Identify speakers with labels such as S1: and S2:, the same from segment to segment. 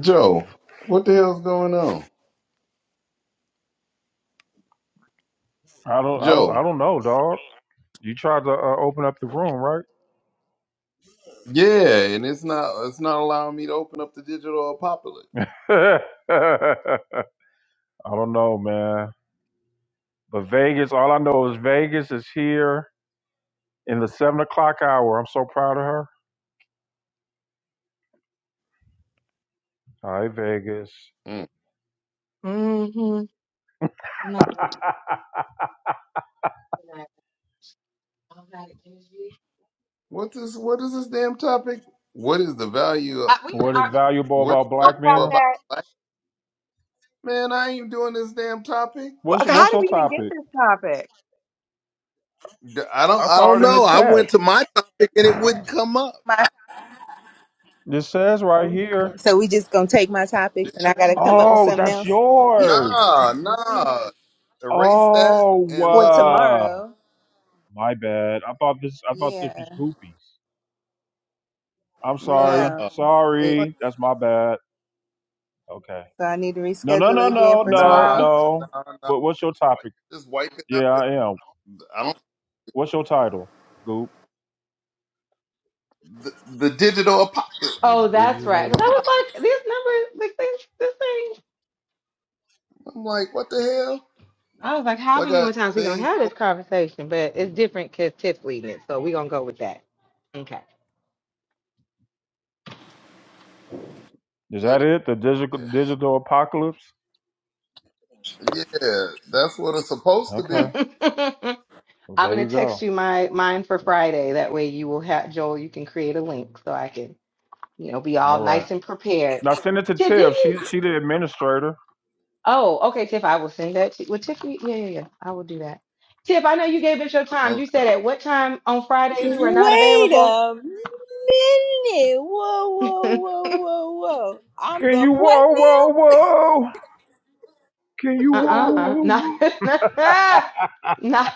S1: Joe, what the hell's going on?
S2: I don't, I don't,
S1: Joe.
S2: I don't know, dog. You tried to uh, open up the room, right?
S1: Yeah, and it's not it's not allowing me to open up the digital apocalypse.
S2: I don't know, man. But Vegas, all I know is Vegas is here in the seven o'clock hour. I'm so proud of her. All right, Vegas.
S1: Mm.
S3: hmm I'm not gonna like I don't have the energy.
S1: What's this what is this damn topic? What is the value of
S3: I, we
S2: what is
S3: are, can
S2: valuable
S3: we
S1: what is
S2: about
S3: talk
S2: black
S3: about
S1: value
S2: men?
S1: about
S3: that?
S1: life? Man, I ain't doing this damn topic.
S3: Well,
S2: What's
S3: okay, How
S2: what's
S3: did
S2: your
S3: we even get
S2: topic?
S3: this topic?
S1: D- I don't
S2: I
S1: I
S2: saw
S1: don't
S2: it in the
S1: know. I
S2: chat.
S1: went to my topic and it wouldn't come up.
S4: my
S2: It says right here.
S4: so we just gonna take my topics and I gotta come up with
S2: Oh,
S4: something
S2: that's
S4: else
S2: yours.
S1: Nah, nah. Erase that
S2: Oh,
S1: and
S4: for
S1: let's
S2: uh,
S4: tomorrow.
S2: my bad. I thought this. I thought this
S4: Yeah,
S2: was Goopy's. I'm
S1: nah.
S2: sorry.
S4: no. It
S1: Like,
S2: Sorry. That's my bad. Okay.
S4: so I need to
S2: No, no,
S4: reschedule
S2: no,
S4: it again
S2: no,
S4: for
S2: no,
S1: Nah,
S4: tomorrow.
S2: no.
S1: nah, nah.
S2: But what's your topic?
S1: Just wipe it out.
S2: Yeah, I am.
S1: I don't
S2: What's your title? Goop.
S1: the, the digital apocalypse.
S2: The
S3: Oh, that's right. Because I
S2: digital.
S3: was like, these numbers, like this, this thing.
S1: I'm like, what the hell?
S3: I was like,
S1: So
S3: how
S1: I
S3: many
S1: got
S3: more times we gonna
S1: things.
S3: have this conversation? But it's different because Tiff's leading it, so we gonna go with that. Okay.
S2: Is that
S1: That,
S2: it? The digital
S1: yeah,
S2: digital apocalypse?
S1: yeah, that's what it's supposed to be.
S2: Okay. Well,
S3: I'm
S2: there
S3: gonna
S2: you
S3: text
S2: go.
S3: you my mine for Friday. That way you will have Joel. You can create a link so I can, you know, be all
S2: All right.
S3: nice and prepared.
S2: Now send it to
S3: Tiff, didn't
S2: Tiff.
S3: you?
S2: She she the administrator.
S3: Oh, okay, Tiff. I will send that to well, Tiffany. Yeah, yeah, yeah. I will do that. Tiff, I know you gave us your times. You
S1: Okay,
S3: said at what time on Fridays you are not
S4: Wait
S3: available.
S4: a minute. Whoa, whoa,
S3: uh
S4: whoa, whoa, whoa. I'm
S2: Can
S4: the
S2: you
S4: what
S2: whoa whoa
S4: now?
S2: whoa? Can you whoa
S3: uh
S2: whoa
S3: Not,
S2: whoa?
S3: not, not,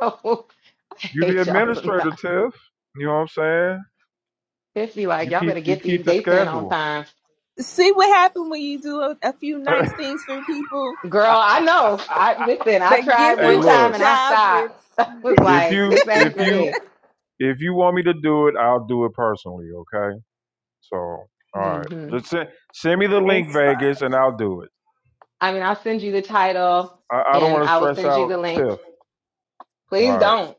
S3: no. I
S2: You the
S3: hate y'all
S2: administrator,
S3: sometimes.
S2: Tiff. You know what I'm saying?
S3: Tiffany, like,
S2: You
S3: y'all better
S2: keep you
S3: get
S2: keep
S3: these
S2: the
S3: dates in on
S2: schedule.
S3: time.
S4: See what happened when you do a, a few nice things for people
S3: Girl, I know. I listen, I
S4: that
S3: tried
S4: give
S2: hey,
S3: one
S4: you a
S3: time
S2: look.
S3: and I
S4: job
S3: stopped.
S4: with
S3: I was
S2: if
S3: like,
S2: you
S3: this ain't
S2: if
S3: for
S2: you
S3: me.
S2: if you want me to do it, I'll do it personally. Okay. So all right,
S3: hmm
S2: just send send me the link,
S4: Inspire.
S2: Vegas, and I'll do it.
S3: I mean, I'll send you the title
S2: I, I don't
S3: and
S2: want to
S3: I will
S2: stress
S3: send you
S2: out
S3: the links.
S2: Tiff. All
S3: Please
S2: right.
S3: don't.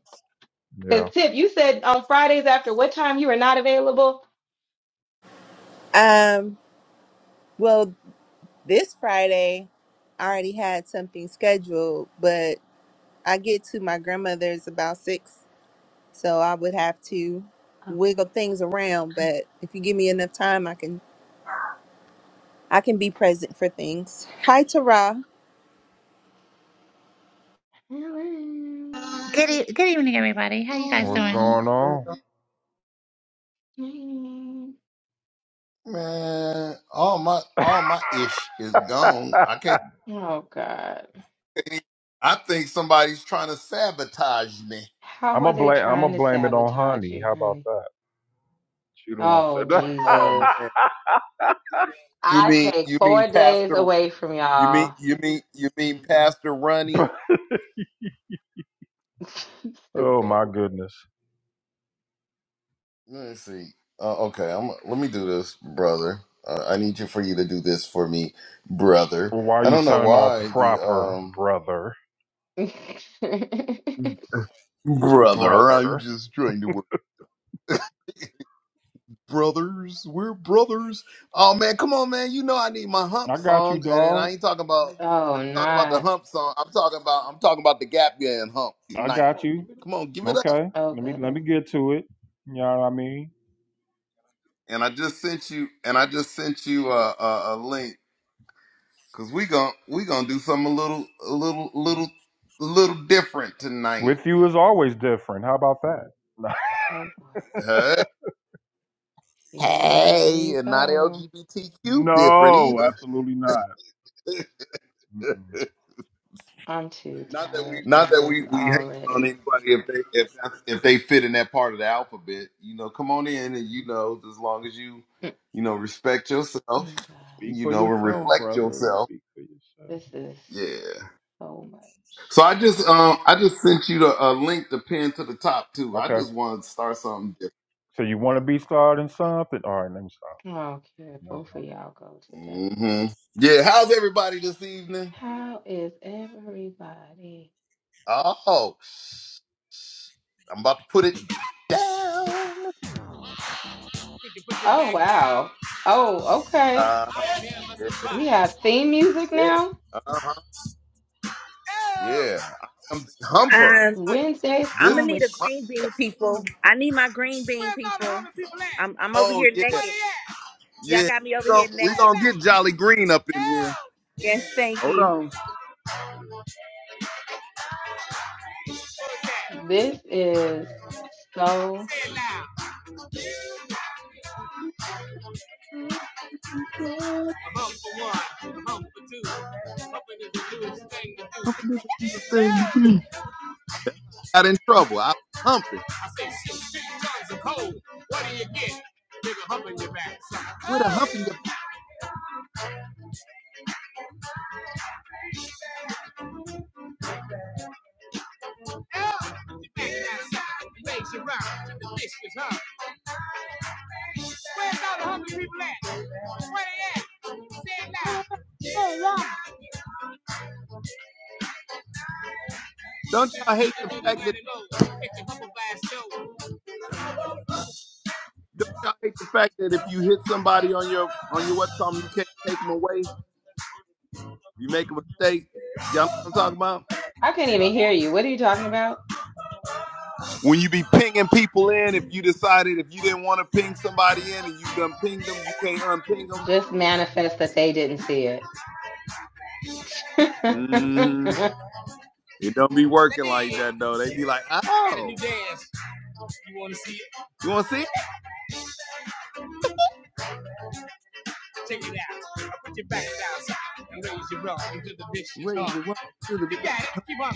S2: Yeah.
S3: Because Tip, you said on Fridays after what time you were not available?
S4: Um, well, this Friday I already had something scheduled, but I get to my grandmother's about six, so I would have to
S3: Oh.
S4: wiggle things around. But if you give me enough time, I can I can be present for things. Hi, Tara.
S5: Good, e- good evening, everybody. How you guys
S2: What's
S5: doing?
S2: going on?
S1: man, all my all my ish is gone. I can't.
S3: Oh God.
S1: Think, I think somebody's trying to sabotage me.
S2: I'm
S3: How are
S2: gonna
S3: they
S2: blame I'm
S3: trying
S2: gonna
S3: to
S2: blame it on
S3: sabotage
S2: Honey.
S3: you,
S2: How about
S3: honey?
S2: that? She the one
S3: Oh
S2: said
S1: Oh
S3: Jesus.
S1: man,
S2: that.
S1: you
S3: I
S1: mean
S3: take
S1: you mean
S3: four days
S1: Pastor?
S3: away from
S1: You mean
S3: y'all.
S1: you mean you mean Pastor Ronnie?
S2: oh
S3: Stupid.
S2: my goodness.
S1: Let me see. Uh, okay, I'm. Let me do this, brother. Uh, I need you for you to do this for me, brother.
S2: Well, why are
S1: I
S2: you
S1: don't know
S2: sounding all
S1: why the
S2: proper,
S1: um.
S2: brother?
S1: Brother, I'm
S2: Brother.
S1: just trying to work. Brothers, we're brothers. Oh man, come on, man. You know I need my hump
S2: I got you,
S1: song, and then I
S2: dog.
S1: ain't talking about
S3: oh
S1: talking about the
S3: not.
S1: hump song. I'm talking about I'm talking about the gap year and hump
S2: I
S1: tonight.
S2: got you.
S1: Come on, give it up.
S2: Okay.
S3: Oh
S2: Let me
S3: goodness.
S2: let me get to it. You know what I mean?
S1: And I just sent you and I just sent you a, a, a link because we gon' we gonna do something a little a little little little different tonight.
S2: With you is always different. How about that?
S3: Oh boy.
S1: Hey,
S3: Here
S1: hey,
S3: we
S1: and not
S3: go.
S1: LGBTQ different
S2: no, absolutely not.
S1: either.
S2: Mm-mm.
S3: I'm too
S2: Not that
S3: tired
S2: we
S3: for
S1: Not that
S3: this
S1: we we hate on
S3: already.
S1: anybody if they if that- if they fit in that part of the alphabet. You know, come on in and you know, as long as you
S3: Mm,
S1: you know respect yourself,
S3: mm, God.
S2: Speak
S1: you
S2: for
S1: know, and
S2: yourself,
S1: reflect
S2: brother.
S1: yourself.
S2: Speak for yourself.
S3: This is.
S1: Yeah.
S3: so much.
S1: So I just um I just sent you the a link to pin to the top too. I
S2: Okay.
S1: just wanted to start something
S2: So you want to be starting something? All right, let me stop.
S3: Okay,
S2: Here I
S3: Both
S2: go.
S3: of y'all go today.
S1: different. hmm Yeah. How's everybody this evening?
S3: How is everybody?
S1: Oh, I'm about to put it down.
S2: Put your, put your
S3: Oh,
S2: back down.
S3: wow.
S2: Now.
S3: Oh, okay.
S1: Uh,
S2: I am here for
S1: yeah.
S2: some fun.
S3: We have theme music
S1: yeah.
S3: now.
S1: Uh-huh.
S2: Ew.
S1: Yeah, I am the
S2: God, it
S1: humper.
S4: Um,
S2: is hot.
S3: Wednesdays
S4: I'm
S1: This
S4: gonna
S1: is
S3: come with
S4: need a
S1: my
S4: green bean, people. I need my green bean,
S2: Where's all the
S4: people.
S2: hungry people at?
S4: I'm I'm over
S1: oh
S4: here
S1: yeah,
S2: Where
S4: naked.
S2: they at?
S4: Y'all
S1: yeah.
S4: got me over
S1: So
S4: here
S2: Say
S1: we
S2: it
S4: naked.
S1: gonna
S2: loud.
S1: get Jolly Green up in here.
S2: Say
S4: Yes, thank
S1: Hold
S4: you.
S1: on.
S3: this is so
S2: it loud. A for one, a for two. Hoping it's the newest thing to do.
S1: Got in trouble. I was humping.
S2: I say six, six tons of coal. What do you get? Nigga humping your back.
S1: With a humping
S2: son.
S1: your back.
S2: Raise your round. The dish was hard. Where's all the hungry people at? Where they at? Say it loud.
S1: Don't y'all hate the fact that
S2: Mighty low, catch a humble by his show.
S1: don't y'all hate the fact that if you hit somebody on your on your what's called you can't take them away. You make a mistake. Y'all know what I'm talking about?
S3: I couldn't even hear you. What are you talking about?
S1: When you be pinging people in, if you decided if you didn't want to ping somebody in and you done pinged them, you can't unping them.
S3: Just manifest that they didn't see
S1: hmm
S3: it.
S1: It don't be
S2: That
S1: working like that though. They
S2: is,
S1: be like,
S2: I got a new
S1: oh,
S2: dance. You wanna see it?
S1: you want to see? it?
S2: Check it out. I put your back down and raise your arm until the dish is
S1: Raise
S2: hard.
S1: your right to the
S2: You got it. Keep on.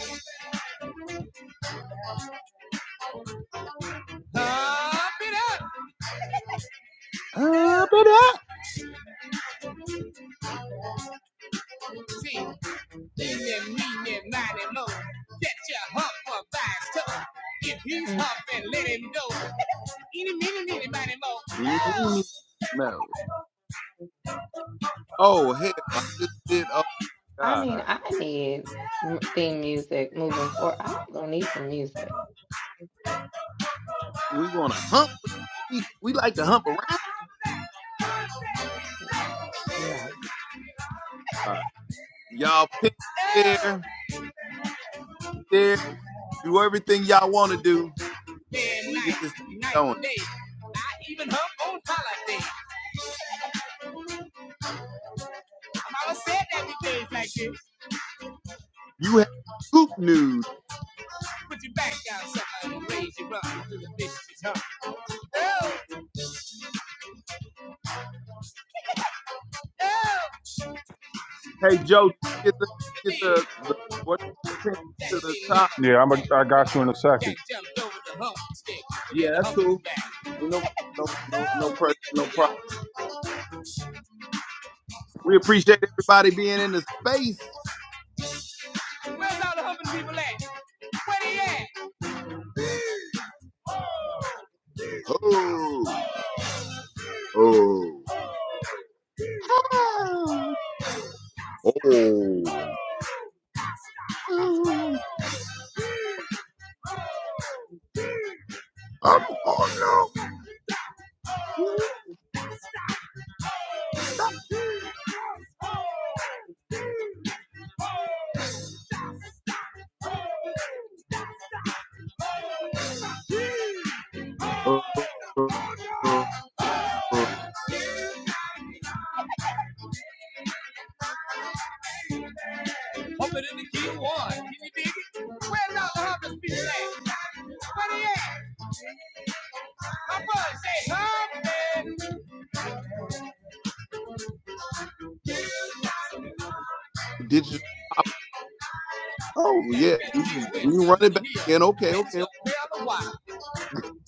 S2: Pump it up.
S1: up it up.
S2: See. Eeny, meeny, miny, mo. Get your hump by his toe. If he's
S3: Mm.
S2: humping, let him go. Eeny, meeny, meeny, miny, mo.
S1: You need
S2: Oh,
S1: me? No. Oh hell, I just did. Oh
S3: I mean,
S1: god,
S3: I need m- theme music moving forward. I'm gonna need some music.
S1: we want to hump. with- We we like to hump around.
S3: No.
S1: All right. Y'all pick
S2: oh.
S1: there, there, do everything y'all want to do.
S2: Day and
S1: We
S2: night,
S1: get this thing
S2: night
S1: going.
S2: and day. I even hump on holiday. Mama said that the days like this.
S1: You have scoop news.
S2: Put your back down, sucker, and raise your rump to the vicious hump. Oh, oh.
S1: Hey Joe, get the
S2: The
S1: get
S2: big,
S1: the, the what you- the pin
S2: that
S1: to the
S2: big
S1: top.
S2: number. Yeah, I'm a, I got you in a second. Jack jumped over the hump stick. He had
S1: Yeah,
S2: a
S1: that's
S2: hump in his
S1: cool.
S2: back.
S1: Ain't no no no
S2: No,
S1: no pressure,
S2: get
S1: no
S2: this to
S1: problem.
S2: you
S1: We appreciate everybody being in the space.
S2: Where's all the humping people at? Where they
S1: Oh, oh, oh,
S2: at?
S1: oh.
S2: Oh,
S1: oh. I'm calling out. Oh, oh, oh.
S2: Open in the key one. Can you dig it? Where's all the homeless people at? Where they at? My brother said, Homeless.
S1: Digital. Oh
S2: Jack
S1: yeah, we
S2: that deal
S1: we
S2: went
S1: can run it back
S2: the hill.
S1: in. Okay,
S2: Bitch
S1: okay.
S2: up, hell a while.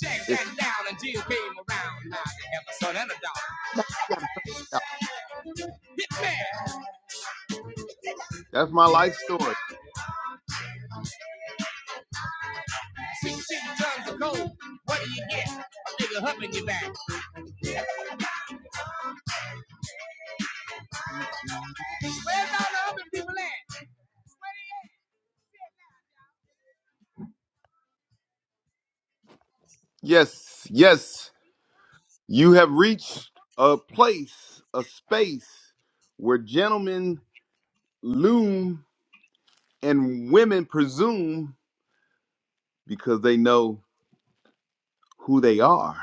S2: Jack
S1: okay.
S2: that down and Jill came around. Now they have a son and a daughter.
S1: Now we gotta start it out.
S2: Hit man,
S1: That's my life story.
S2: 16 tons of gold. What do you get? A nigga humping your back. Where's all the humping people at?
S1: Yes, yes. You have reached a place, a space where gentlemen loom and women presume because they know who they are.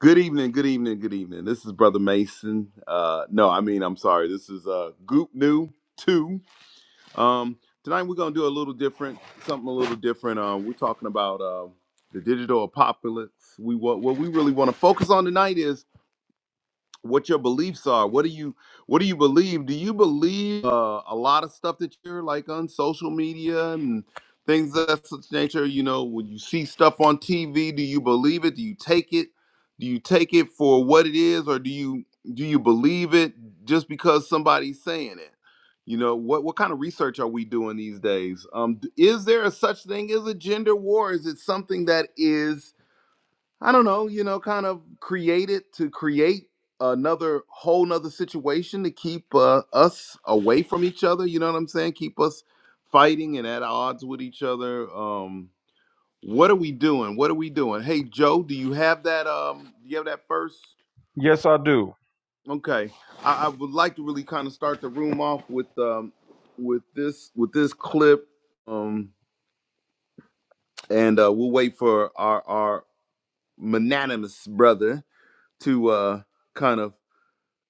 S1: Good evening, good evening, good evening. This is Brother Mason. Uh, no, I mean, I'm sorry. This is uh, Goop New 2. Um, tonight we're going to do a little different, something a little different. Um, we're talking about uh, the digital apocalypse. We what, what we really want to focus on tonight is. what your beliefs are. What do you what do you believe? Do you believe uh, a lot of stuff that you're like on social media and things of that such nature? You know, when you see stuff on TV, do you believe it? Do you take it? Do you take it for what it is, or do you do you believe it just because somebody's saying it? You know what? What kind of research are we doing these days? Um, d- is there a such thing as a gender war? Is it something that is I don't know, you know, kind of created to create another whole nother situation to keep uh, us away from each other. You know what I'm saying? Keep us fighting and at odds with each other. Um, what are we doing? What are we doing? Hey, Joe, do you have that? Um, do you have that first?
S2: Yes, I do.
S1: Okay, I, I would like to really kind of start the room off with um, with this with this clip. Um, and uh, we'll wait for our our magnanimous brother to uh kind of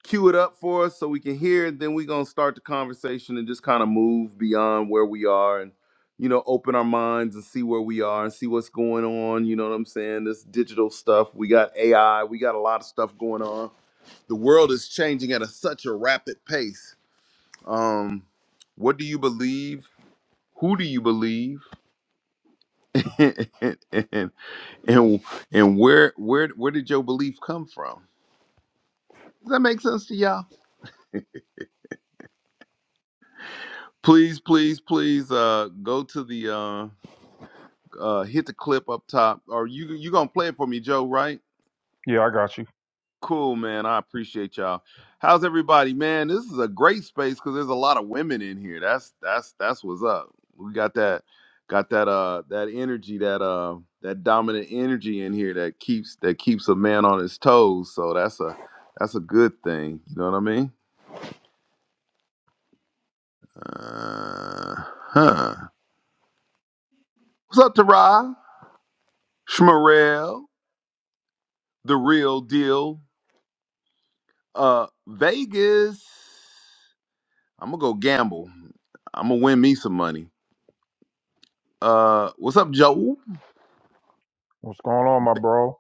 S1: cue it up for us so we can hear it. Then we're gonna start the conversation and just kind of move beyond where we are and you know open our minds and see where we are and see what's going on. You know what I'm saying? This digital stuff. We got AI. We got a lot of stuff going on. The world is changing at a, such a rapid pace. Um, what do you believe? Who do you believe? and, and and where where where did your belief come from? Does that make sense to y'all? Please, please, please, uh, go to the uh, uh, hit the clip up top, or you you gonna play it for me, Joe? Right?
S2: Yeah, I got you.
S1: Cool, man. I appreciate y'all. How's everybody, man? This is a great space because there's a lot of women in here. That's that's that's what's up. We got that got that uh that energy that uh that dominant energy in here that keeps that keeps a man on his toes. So that's a that's a good thing. You know what I mean? Uh, huh. What's up, Tara? Shmarel? the real deal. Uh, Vegas. I'm gonna go gamble. I'm gonna win me some money. Uh, what's up, Joe?
S2: What's going on, my bro?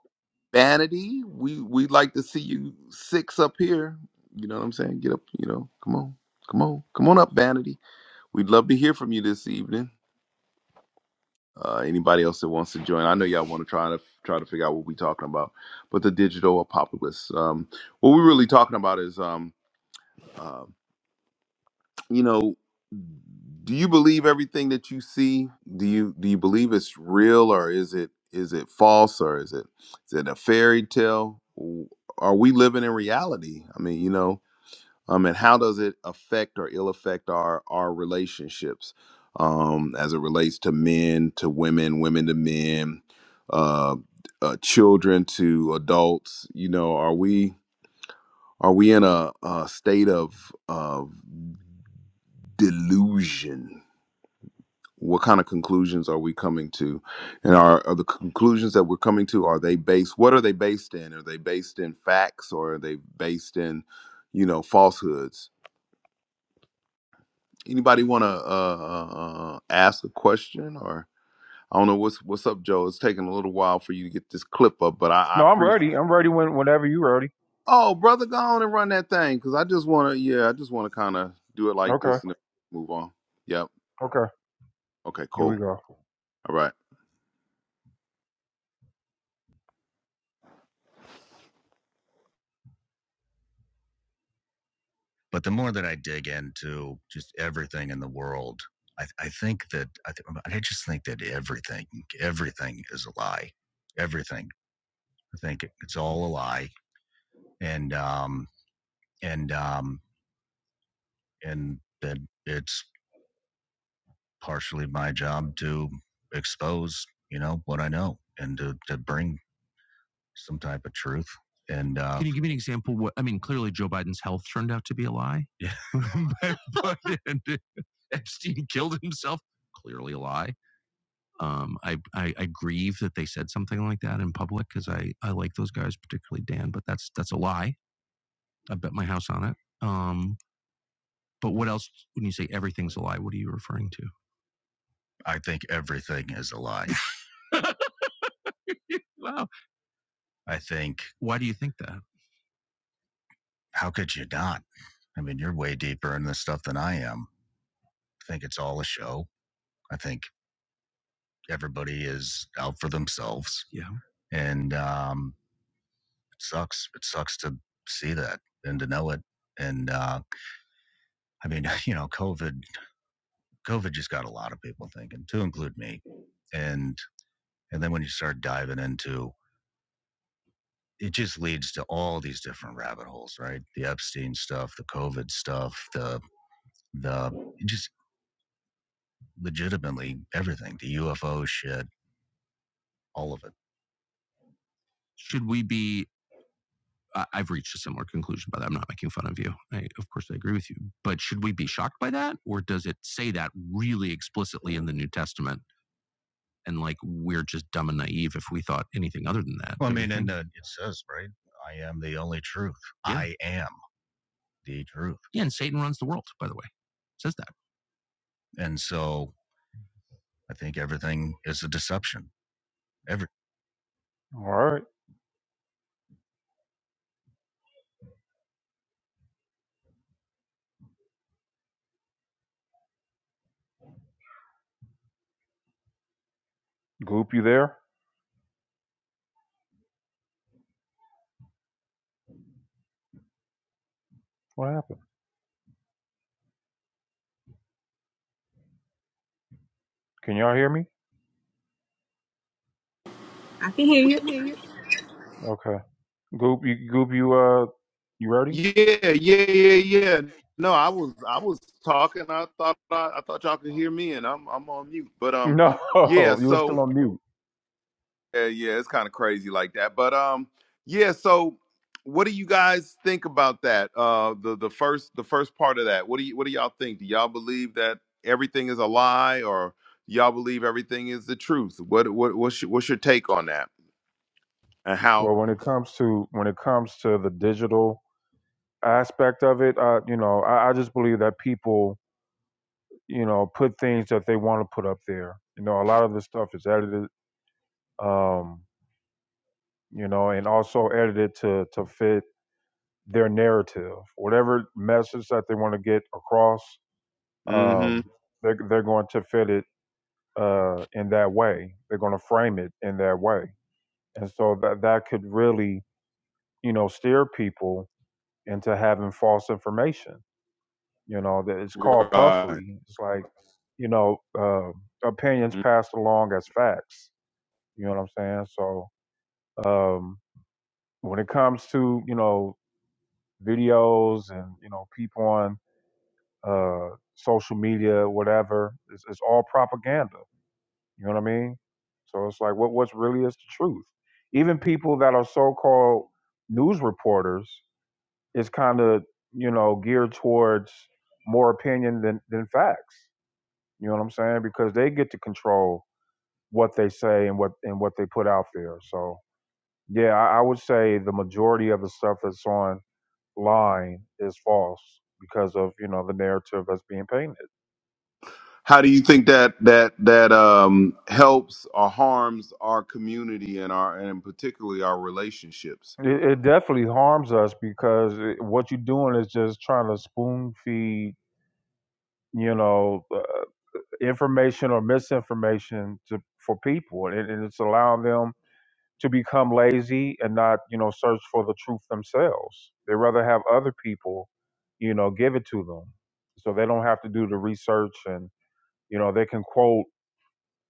S1: Vanity. We we like to see you six up here. You know what I'm saying? Get up. You know, come on, come on, come on up, Vanity. We'd love to hear from you this evening. Uh, anybody else that wants to join? I know y'all want to try to try to figure out what we're talking about, but the digital apocalypse. Um, what we're really talking about is um, um you know do you believe everything that you see do you do you believe it's real or is it is it false or is it is it a fairy tale W- are we living in reality i mean you know um and how does it affect or ill affect our our relationships um as it relates to men to women women to men uh, uh children to adults you know are we are we in a, a state of of delusion what kind of conclusions are we coming to and are, are the conclusions that we're coming to are they based what are they based in are they based in facts or are they based in you know falsehoods anybody want to uh, uh, uh, ask a question or i don't know what's what's up joe it's taking a little while for you to get this clip up but i, I
S2: No, I'm
S1: appreciate
S2: ready. I'm ready when whenever you are ready.
S1: oh brother go on and run that thing because i just want to yeah i just want to kind of do it like
S2: Okay.
S1: this and then move on yep
S2: Okay.
S1: okay
S2: Here we
S1: cool
S2: go.
S1: all right
S2: But the more that I dig into just everything in the world, I, I think that I, th- I just think that everything, everything is a lie. Everything. I think it, it's all a lie, and um, and um, and that it's partially my job to expose, you know, what I know and to to bring some type of truth. And uh, Can you give me an example? What I mean, clearly Joe Biden's health turned out to be a lie. Yeah. but, but- and Epstein killed himself. Clearly a lie. Um, I, I I grieve that they said something like that in public because I I like those guys, particularly Dan. But that's that's a lie. I bet my house on it. Um, but what else? When you say everything's a lie, what are you referring to? I think everything is a lie. Wow. I think Why do you think that? how could you not? I mean, you're way deeper in this stuff than I am. I think it's all a show. I think everybody is out for themselves, Yeah. and um, it sucks. It sucks to see that and to know it. And uh, I mean, you know, COVID, COVID just got a lot of people thinking, to include me. And and then when you start diving into it just leads to all these different rabbit holes, right? The Epstein stuff, the COVID stuff, the the just legitimately everything, the UFO shit, all of it. Should we be I- have reached a similar conclusion by that. I'm not making fun of you. I, of course, I agree with you. But should we be shocked by that? Or does it say that really explicitly in the New Testament? And like, we're just dumb and naive if we thought anything other than that. Well, I mean, and uh, it says, right? I am the only truth. Yeah. I am the truth. yeah, and Satan runs the world, by the way. It says that. And so I think everything is a deception. Every All right, Goop, you there? What happened? Can y'all hear me?
S4: I can
S1: Yeah,
S4: hear you.
S2: Okay, Goop, you Goop, you uh, you ready?
S1: Yeah, yeah, yeah, yeah. No, I was I was talking. I thought I, I thought y'all could hear me, and I'm I'm on mute. But um,
S2: No,
S1: yeah.
S2: you were
S1: So
S2: still on mute.
S1: yeah, yeah, it's kind of crazy like that. But um, yeah. So what do you guys think about that? Uh, the the first the first part of that. What do you what do y'all think? Do y'all believe that everything is a lie, or y'all believe everything is the truth? What what what's your, what's your take on that? And how?
S2: Well, when it comes to when it comes to the digital aspect of it, uh, you know, I, I just believe that people, you know, put things that they want to put up there. You know, a lot of this stuff is edited, um, you know, and also edited to to fit their narrative, whatever message that they want to get across.
S1: Mm-hmm.
S2: Um, they're they're going to fit it uh, in that way. They're going to frame it in that way, and so that that could really, you know, steer people into having false information. You know, that it's called
S1: Right. Mm-hmm.
S2: puffery. It's like, you know, uh, opinions passed along as facts. You know what I'm saying? So um, when it comes to you know videos and you know people on uh, social media, whatever, it's, it's all propaganda. You know what I mean? So it's like, what what's really is the truth? Even people that are so-called news reporters is kind of you know geared towards more opinion than than facts. You know what I'm saying? Because they get to control what they say and what and what they put out there. So yeah, I, I would say the majority of the stuff that's online is false because of you know the narrative that's being painted.
S1: How do you think that that that um, helps or harms our community and our and particularly our relationships?
S2: It, it definitely harms us because it, what you're doing is just trying to spoon feed you know uh, information or misinformation to for people, and, and it's allowing them to become lazy and not, you know, search for the truth themselves. They rather have other people, you know, give it to them. So they don't have to do the research and, you know, they can quote,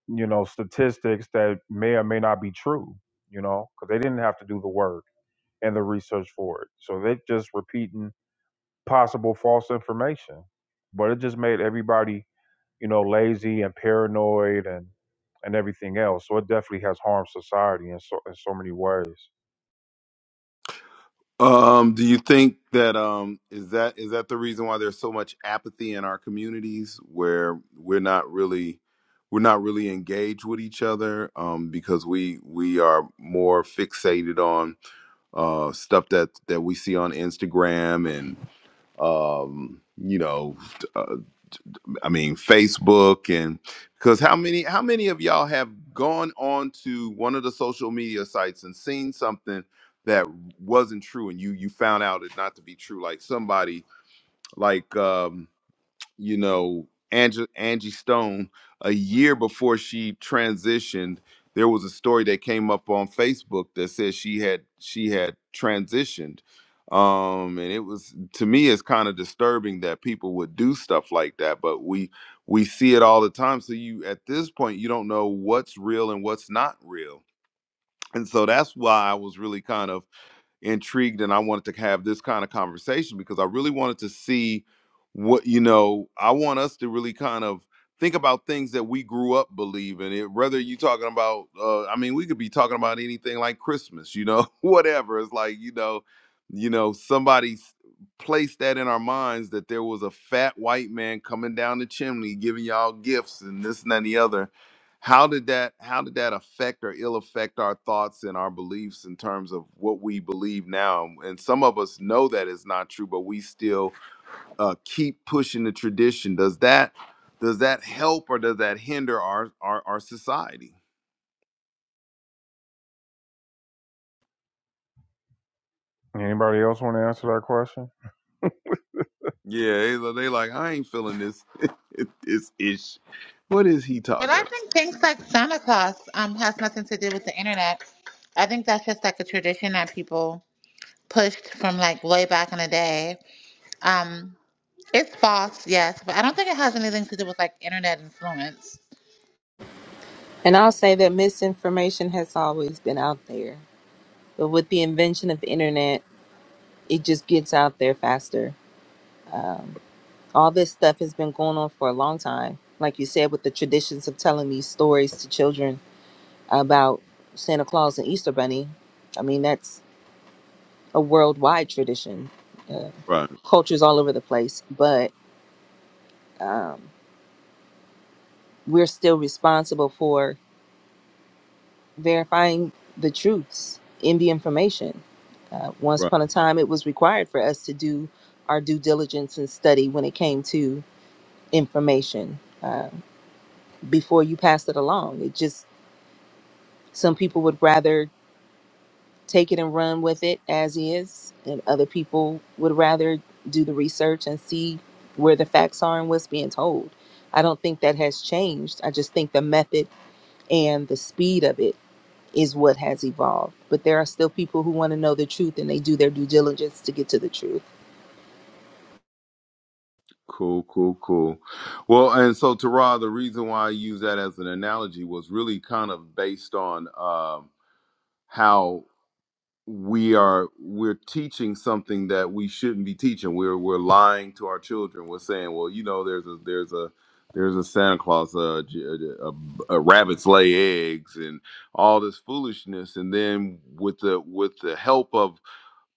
S2: you know, statistics that may or may not be true, you know, because they didn't have to do the work and the research for it. So they're just repeating possible false information. But it just made everybody, you know, lazy and paranoid and and everything else. So it definitely has harmed society in so in so many ways.
S1: Um, do you think that um, is that is that the reason why there's so much apathy in our communities where we're not really we're not really engaged with each other um, because we we are more fixated on uh, stuff that that we see on Instagram and um, you know I mean, Facebook and because how many how many of y'all have gone on to one of the social media sites and seen something that wasn't true and you you found out it not to be true like somebody like um you know, Angie, Angie Stone, a year before she transitioned, there was a story that came up on Facebook that said she had she had transitioned. Um, and it was to me it's kind of disturbing that people would do stuff like that, but we we see it all the time. So you at this point you don't know what's real and what's not real. And so that's why I was really kind of intrigued and I wanted to have this kind of conversation because I really wanted to see what you know, I want us to really kind of think about things that we grew up believing it whether you talking about uh I mean we could be talking about anything like Christmas, you know, whatever. It's like, you know, you know, somebody s- placed that in our minds that there was a fat white man coming down the chimney giving y'all gifts and this and that and the other how did that how did that affect or ill affect our thoughts and our beliefs in terms of what we believe now and some of us know that it's not true but we still uh, keep pushing the tradition does that does that help or does that hinder our our, our society
S2: Anybody else want to answer that question?
S1: yeah they, they like i ain't feeling this this ish what is he
S5: But
S1: talking
S5: i
S1: about
S5: think things like Santa Claus um has nothing to do with the internet. I think that's just like a tradition that people pushed from like way back in the day. Um, it's false, yes, but I don't think it has anything to do with like internet influence.
S4: And I'll say that misinformation has always been out there, but with the invention of the internet, it just gets out there faster. um, all this stuff has been going on for a long time. Like you said, with the traditions of telling these stories to children about Santa Claus and Easter Bunny, I mean, that's a worldwide tradition, uh,
S1: right
S4: cultures all over the place. But um, we're still responsible for verifying the truths in the information. Uh, once
S1: right
S4: upon a time, it was required for us to do our due diligence and study when it came to information. Uh, before you passed it along, it just Some people would rather take it and run with it as is, and other people would rather do the research and see where the facts are and what's being told. I don't think that has changed. I just think the method and the speed of it is what has evolved. But there are still people who want to know the truth and they do their due diligence to get to the truth.
S1: cool cool cool well and so Tara, the reason why i use that as an analogy was really kind of based on um how we are we're teaching something that we shouldn't be teaching. We're we're lying to our children. We're saying, well, you know, there's a there's a there's a Santa Claus, uh, j- a, a, a rabbits lay eggs, and all this foolishness. And then with the with the help of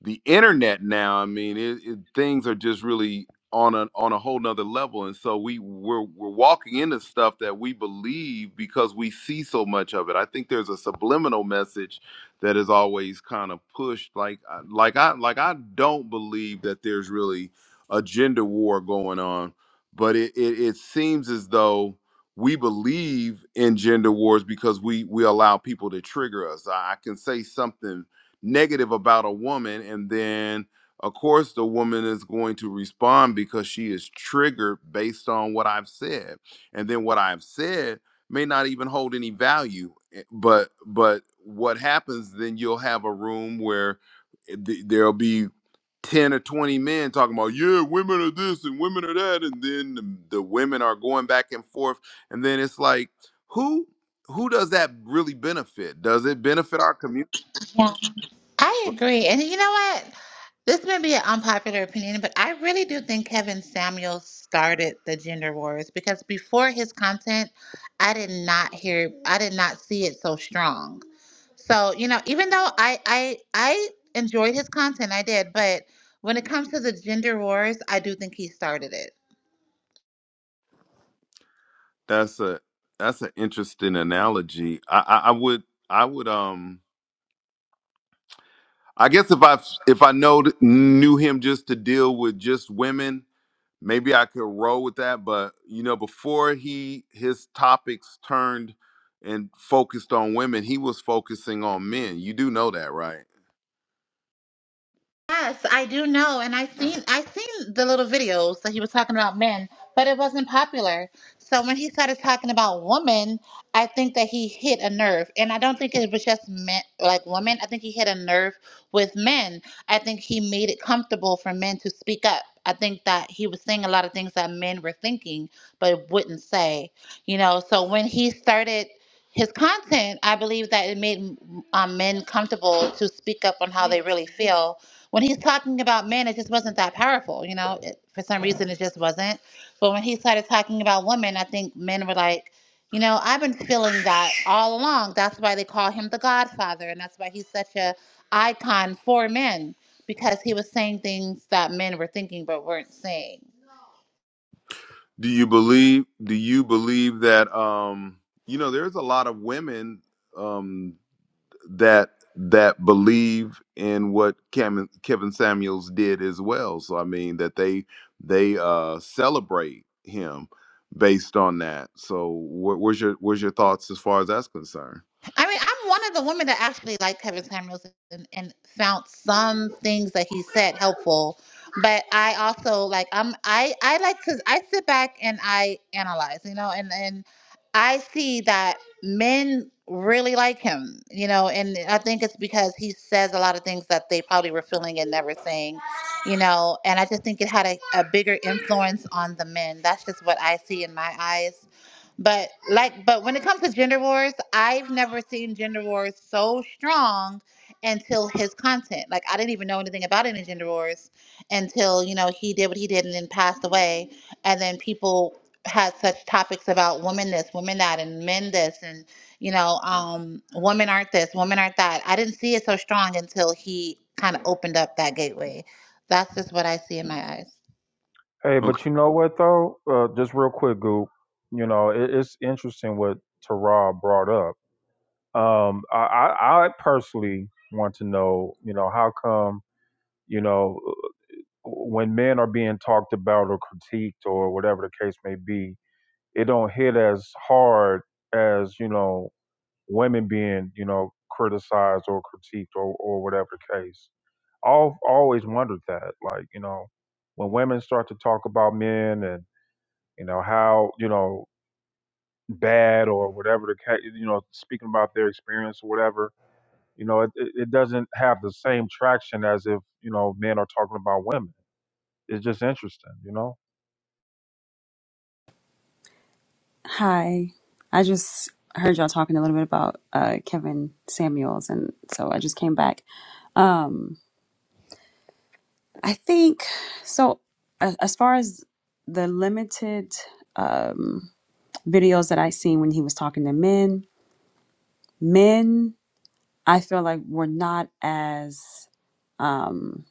S1: the internet now i mean it, it, things are just really on a on a whole nother level and so we we're, we're walking into stuff that we believe because we see so much of it i think there's a subliminal message that is always kind of pushed like I- like i like i don't believe that there's really a gender war going on but it it, it seems as though we believe in gender wars because we we allow people to trigger us i, I can say something negative about a woman and then of course the woman is going to respond because she is triggered based on what i've said and then what i've said may not even hold any value eh, but but what happens then you'll have a room where th- there'll be 10 or 20 men talking about yeah women are this and women are that and then the, the women are going back and forth and then it's like who who does that really benefit does it benefit our community
S5: Yeah, I agree. And you know what? This may be an unpopular opinion, but I really do think Kevin Samuels started the gender wars because before his content, I did not hear, I did not see it so strong. So you know, even though I I I enjoyed his content, I did, but when it comes to the gender wars, I do think he started it.
S1: That's a that's an interesting analogy. I, I, I would I would um I guess if I if I know knew him just to deal with just women, maybe I could roll with that. But you know, before he his topics turned and focused on women, he was focusing on men. You do know that, right?
S5: Yes, I do know, and I seen I seen the little videos that he was talking about men, but it wasn't popular. So when he started talking about women, I think that he hit a nerve, and I don't think it was just men like women. I think he hit a nerve with men. I think he made it comfortable for men to speak up. I think that he was saying a lot of things that men were thinking but wouldn't say, you know. So when he started his content, I believe that it made um, men comfortable to speak up on how they really feel when he's talking about men, it just wasn't that powerful, you know. It, for some reason, it just wasn't. But when he started talking about women, I think men were like, you know, I've been feeling that all along. That's why they call him the Godfather, and that's why he's such a icon for men because he was saying things that men were thinking but weren't saying.
S1: Do you believe? Do you believe that? Um, you know, there's a lot of women. um. that that believe in what Kevin, Kevin Samuels did as well. So I mean that they they uh, celebrate him based on that. So wh- where's your where's your thoughts as far as that's concerned?
S5: I mean, I'm one of the women that actually liked Kevin Samuels and, and found some things that he said helpful. But I also like I'm I I like to I sit back and I analyze, you know, and and I see that men really like him, you know, and I think it's because he says a lot of things that they probably were feeling and never saying, you know, and I just think it had a, a bigger influence on the men. That's just what I see in my eyes but like, but when it comes to gender wars, I've never seen gender wars so strong until his content. Like, I didn't even know anything about any gender wars until you know he did what he did and then passed away, and then people had such topics about women this, women that, and men this, and you know, um, women aren't this, women aren't that. I didn't see it so strong until he kind of opened up that gateway. That's just what I see in my eyes.
S2: Hey,
S1: Okay.
S2: but you know what though? Uh, just real quick, Goop. You know, it, it's interesting what Tara brought up. Um, I, I, I personally want to know, you know, how come, you know, when men are being talked about or critiqued or whatever the case may be, it don't hit as hard as you know women being, you know, criticized or critiqued or or whatever the case. all always wondered that like you know when women start to talk about men and you know how you know bad or whatever the ca- you know speaking about their experience or whatever you know it, it it doesn't have the same traction as if you know men are talking about women it's just interesting you know
S6: Hi. I just heard y'all talking a little bit about uh, Kevin Samuels, and so I just came back. Um, I think so. a- As far as the limited um, videos that I seen when he was talking to men, men, I feel like were not as um,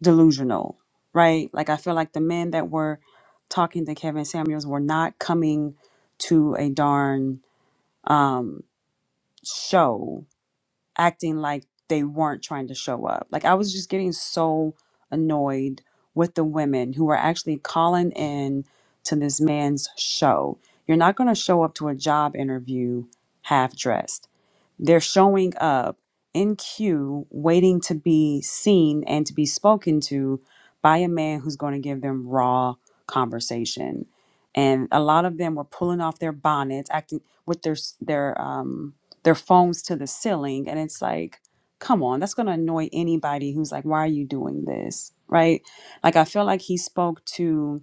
S6: delusional, right? Like I feel like the men that were talking to Kevin Samuels were not coming to a darn um, show acting like they weren't trying to show up. Like I was just getting so annoyed with the women who were actually calling in to this man's show. You're not going to show up to a job interview half dressed. They're showing up in queue, waiting to be seen and to be spoken to by a man who's going to give them raw conversation. And a lot of them were pulling off their bonnets, acting with their s- their um, their phones to the ceiling, and it's like, come on, that's going to annoy anybody who's like, why are you doing this, right? Like I feel like he spoke to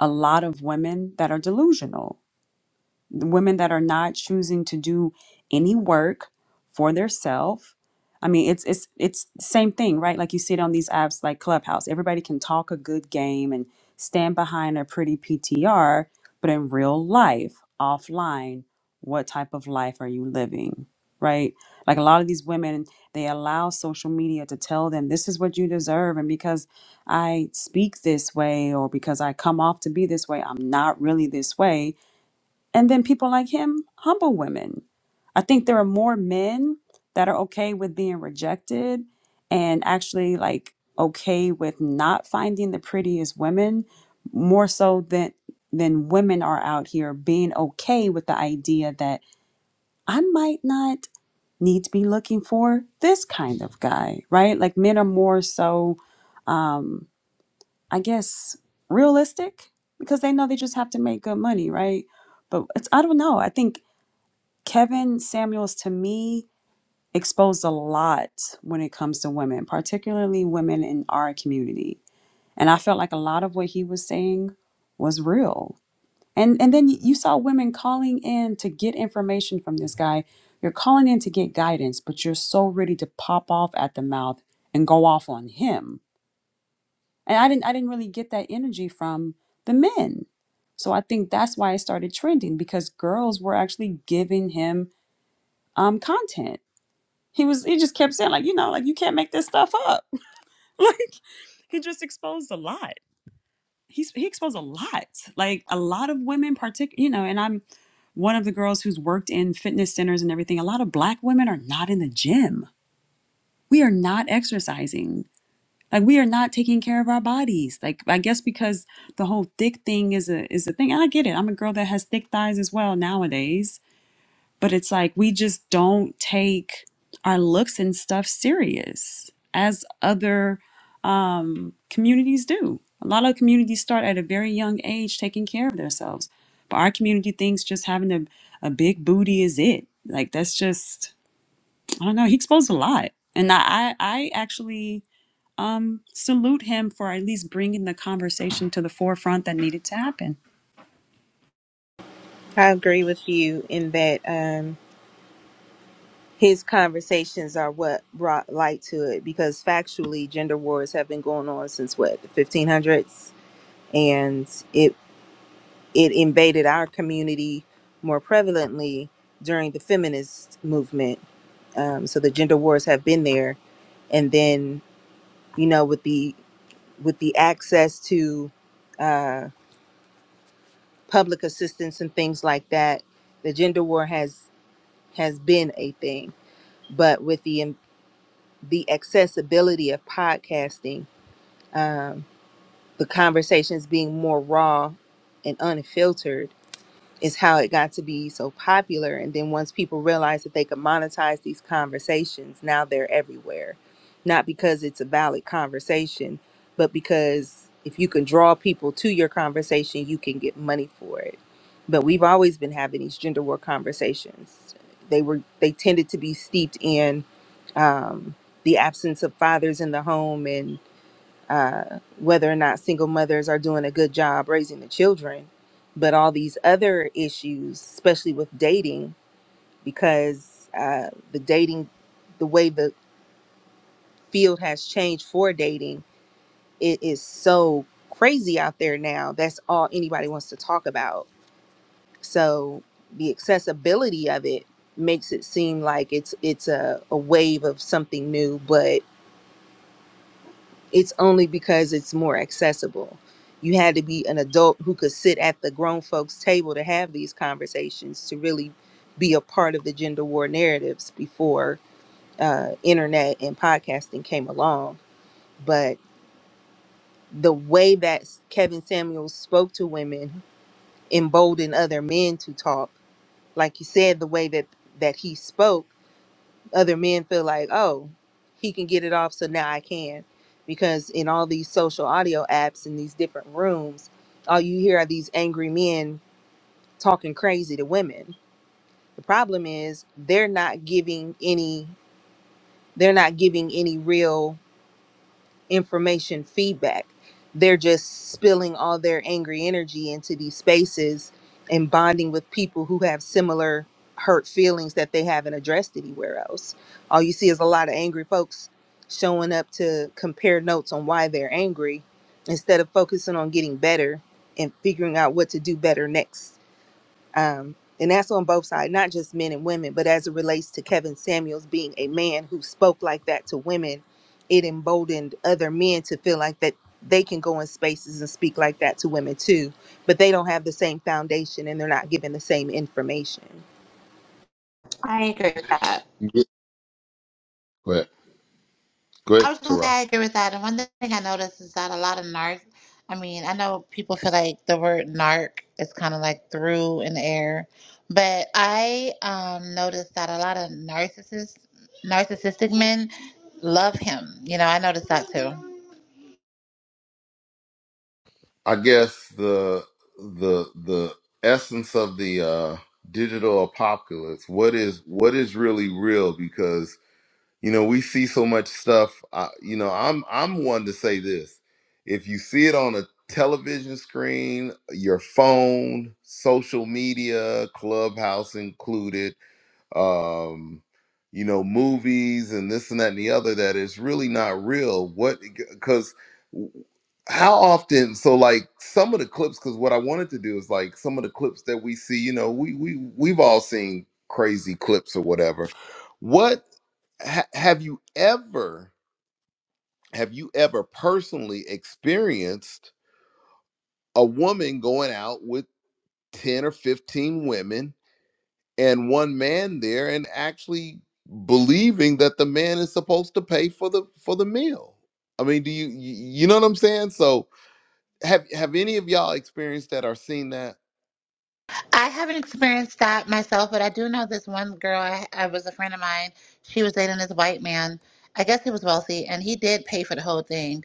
S6: a lot of women that are delusional the women that are not choosing to do any work for their self, i mean it's it's it's same thing right like you see it on these apps like clubhouse everybody can talk a good game and stand behind a pretty ptr but in real life offline what type of life are you living right like a lot of these women they allow social media to tell them this is what you deserve and because i speak this way or because i come off to be this way i'm not really this way and then people like him humble women. I think there are more men that are okay with being rejected and actually like okay with not finding the prettiest women more so than than women are out here being okay with the idea that I might not need to be looking for this kind of guy, right? Like men are more so um I guess realistic because they know they just have to make good money, right? But it's I don't know. I think Kevin Samuels to me exposed a lot when it comes to women, particularly women in our community. And I felt like a lot of what he was saying was real. And and then you saw women calling in to get information from this guy. You're calling in to get guidance, but you're so ready to pop off at the mouth and go off on him. And I didn't I didn't really get that energy from the men. So I think that's why it started trending because girls were actually giving him um, content He was he just kept saying like, you know, like you can't make this stuff up. like he just exposed a lot. He's he exposed a lot. Like a lot of women partic you know, and I'm one of the girls who's worked in fitness centers and everything. A lot of black women are not in the gym. We are not exercising. Like we are not taking care of our bodies. Like I guess because the whole thick thing is a is a thing. And I get it. I'm a girl that has thick thighs as well nowadays but it's like we just don't take our looks and stuff serious as other um, communities do. A lot of communities start at a very young age taking care of themselves, but our community thinks just having a, a big booty is it. Like that's just I don't know. He exposed a lot, and I I I actually um salute him for at least bringing the conversation to the forefront that needed to happen.
S4: I agree with you in that um, his conversations are what brought light to it because factually, gender wars have been going on since what, the 1500s? and it it invaded our community more prevalently during the feminist movement. Um, so the gender wars have been there, and then you know with the with the access to uh, public assistance and things like that, the gender war has has been a thing. But with the um, the accessibility of podcasting, um, the conversations being more raw and unfiltered is how it got to be so popular. And then once people realized that they could monetize these conversations, now they're everywhere. Not because it's a valid conversation, but because if you can draw people to your conversation, you can get money for it. But we've always been having these gender war conversations. They were they tended to be steeped in um, the absence of fathers in the home and uh, whether or not single mothers are doing a good job raising the children, but all these other issues, especially with dating, because uh, the dating, the way the field has changed for dating, it is so crazy out there now. That's all anybody wants to talk about. So the accessibility of it makes it seem like it's it's a, a wave of something new, but. it's only because it's more accessible. You had to be an adult who could sit at the grown folks' table to have these conversations to really be a part of the gender war narratives before uh, internet and podcasting came along. But the way that Kevin Samuels spoke to women emboldened other men to talk. Like you said, the way that that he spoke other men feel like, oh, he can get it off, so now I can. Because in all these social audio apps and these different rooms, all you hear are these angry men talking crazy to women. The problem is they're not giving any they're not giving any real information feedback. They're just spilling all their angry energy into these spaces and bonding with people who have similar hurt feelings that they haven't addressed anywhere else. All you see is a lot of angry folks showing up to compare notes on why they're angry instead of focusing on getting better and figuring out what to do better next um, and that's on both sides, not just men and women, but as it relates to Kevin Samuels being a man who spoke like that to women, it emboldened other men to feel like that they can go in spaces and speak like that to women too, but they don't have the same foundation and they're not given the same information.
S5: I agree with that. I was gonna say I agree with that. And one thing I noticed is that a lot of narc, I mean, I know people feel like the word narc is kind of like through in the air, but I um, noticed that a lot of narcissists, narcissistic men, love him. You know, I noticed that too.
S1: I guess the the the essence of the uh, digital apocalypse. What is what is really real? Because you know we see so much stuff I, you know i'm i'm one to say this if you see it on a television screen your phone social media clubhouse included um you know movies and this and that and the other that is really not real what because how often so like some of the clips because what i wanted to do is like some of the clips that we see you know we we we've all seen crazy clips or whatever What? ha- have you ever have you ever personally experienced a woman going out with 10 or 15 women and one man there and actually believing that the man is supposed to pay for the for the meal i mean do you you you know what i'm saying so have have any of y'all experienced that or seen that
S5: I haven't experienced that myself, but I do know this one girl. I, I was a friend of mine. She was dating this white man. I guess he was wealthy, and he did pay for the whole thing.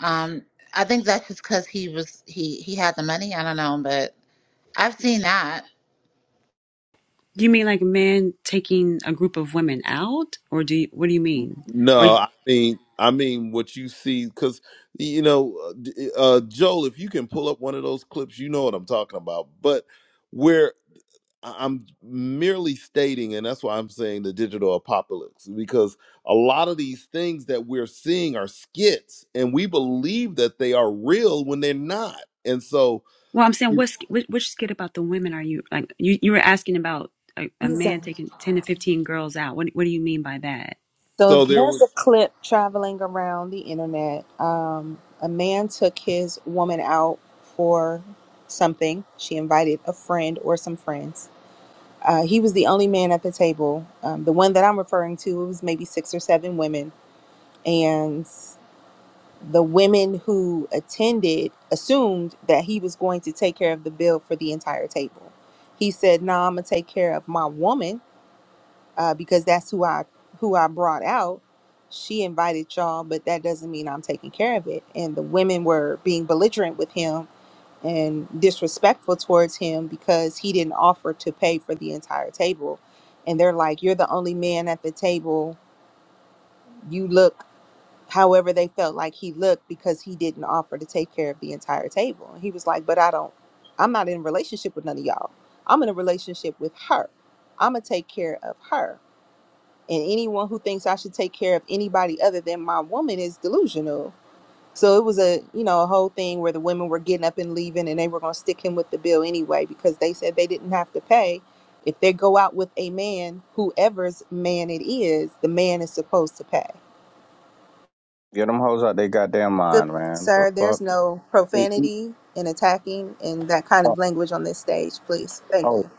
S5: Um, I think that's just because he was he he had the money. I don't know, but I've seen that.
S6: You mean like men taking a group of women out, or do you, what do you mean? Or
S1: no i mean i mean what you see because you know uh, d- uh joel if you can pull up one of those clips you know what i'm talking about but where I- I'm merely stating, and that's why I'm saying the digital apocalypse, because a lot of these things that we're seeing are skits, and we believe that they are real when they're not. And so,
S6: well, I'm saying
S1: Mm.
S6: what sk- which, which skit about the women are you like? You you were asking about a, a
S4: Jesus.
S6: man taking ten to fifteen girls out. What what do you mean by that?
S4: So
S1: so there
S4: there's
S1: was,
S4: a clip traveling around the internet. Um, a man took his woman out for something. She invited a friend or some friends. Uh, he was the only man at the table. Um, the one that I'm referring to, it was maybe six or seven women. And the women who attended assumed that he was going to take care of the bill for the entire table. He said, No, I'm going to take care of my woman uh, because that's who I who I brought out. She invited y'all, but that doesn't mean I'm taking care of it. And the women were being belligerent with him and disrespectful towards him because he didn't offer to pay for the entire table. And they're like, You're the only man at the table. You look however they felt like he looked because he didn't offer to take care of the entire table. And he was like, But I don't, I'm not in a relationship with none of y'all. I'm in a relationship with her. I'm going to take care of her. And anyone who thinks I should take care of anybody other than my woman is delusional so it was a you know a whole thing where the women were getting up and leaving, and they were going to stick him with the bill anyway because they said they didn't have to pay if they go out with a man, whoever's man it is, the man is supposed to pay.
S7: Get them hoes out they goddamn
S4: Good
S7: mind, man. The
S4: sir, there's
S7: fuck?
S4: no
S7: They eat
S4: profanity and attacking and that kind of
S7: up.
S4: language on this stage, please. Thank
S7: Oh,
S4: you.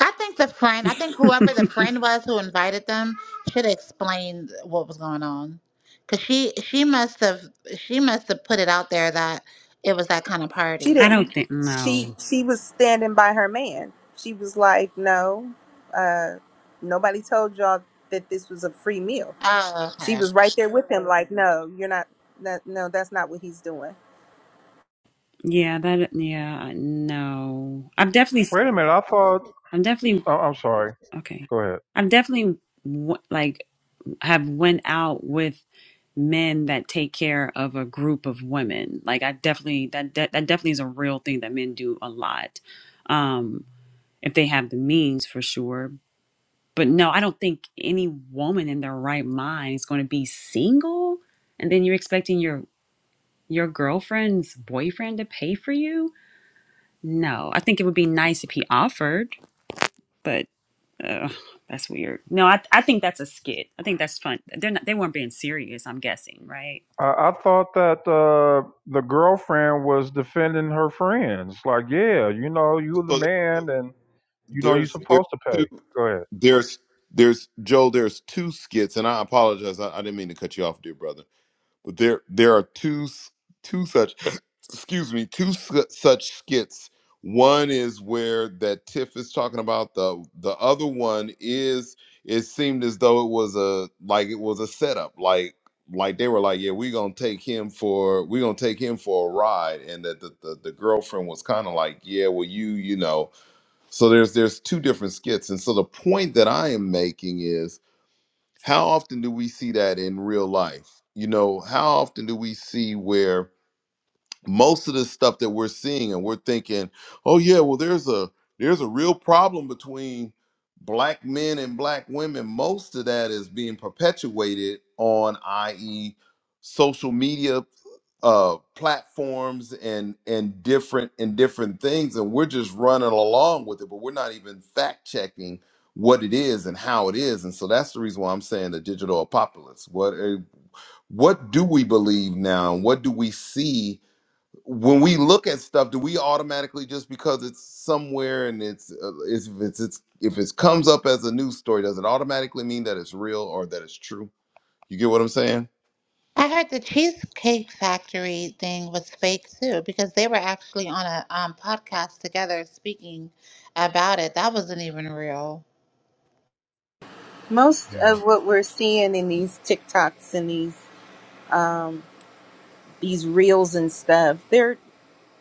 S5: I think the friend, I think whoever the friend was who invited them should explain what was going on, because she she must have she must have put it out there that it was that kind of
S4: She
S6: I
S5: party.
S4: didn't.
S6: don't think
S4: She
S6: no.
S4: she was standing by her man. She was like, no, uh, nobody told y'all that this was a free meal.
S5: Oh,
S4: She
S5: okay.
S4: was right there with him, like, no, you're not. That, no, that's not what he's doing.
S6: Yeah, that yeah I- no. I've definitely
S2: wait a minute i thought
S6: I'm definitely
S2: oh, i'm sorry
S6: okay.
S2: go ahead
S6: I've definitely w- like have went out with. men that take care of a group of women. Like I definitely that that, that definitely is a real thing that men do a lot. Um if they have the means for sure. But no, I don't think any woman in their right mind is going to be single and then you're expecting your your girlfriend's boyfriend to pay for you? No. I think it would be nice if he offered, but uh, that's weird. No, I I think that's a skit. I think that's fun. They're not they weren't being serious, I'm guessing, right?
S2: I, I thought that uh, the girlfriend was defending her friends like yeah you know you're the
S1: so there,
S2: man and you know you're
S1: there's, there's
S2: supposed to
S1: two,
S2: pay go ahead
S1: there's, there's Joe, there's two skits, and I apologize, I, I didn't mean to cut you off, dear brother But there there are two s- two such excuse me two su- such skits. One is where that Tiff is talking about the the other one is it seemed as though it was a like it was a setup like like they were like yeah we're gonna take him for we're gonna take him for a ride and that the, the, the girlfriend was kind of like yeah well you you know so there's there's two different skits and so the point that I am making is how often do we see that in real life? You know, how often do we see where most of the stuff that we're seeing and we're thinking oh yeah well there's a there's a real problem between black men and black women most of that is being perpetuated on i.e social media uh platforms and and different and different things and we're just running along with it but we're not even fact checking what it is and how it is and so that's the reason why i'm saying the digital apocalypse what uh, what do we believe now and what do we see when we look at stuff, do we automatically just because it's somewhere and it's uh, if it's, it's if it comes up as a news story, does it automatically mean that it's real or that it's true? You get what I'm saying?
S5: I heard the Cheesecake Factory thing was fake too because they were actually on a um, podcast together speaking about it. That wasn't even real.
S4: Most
S2: Yeah.
S4: of what we're seeing in these TikToks and these um, these reels and stuff, they're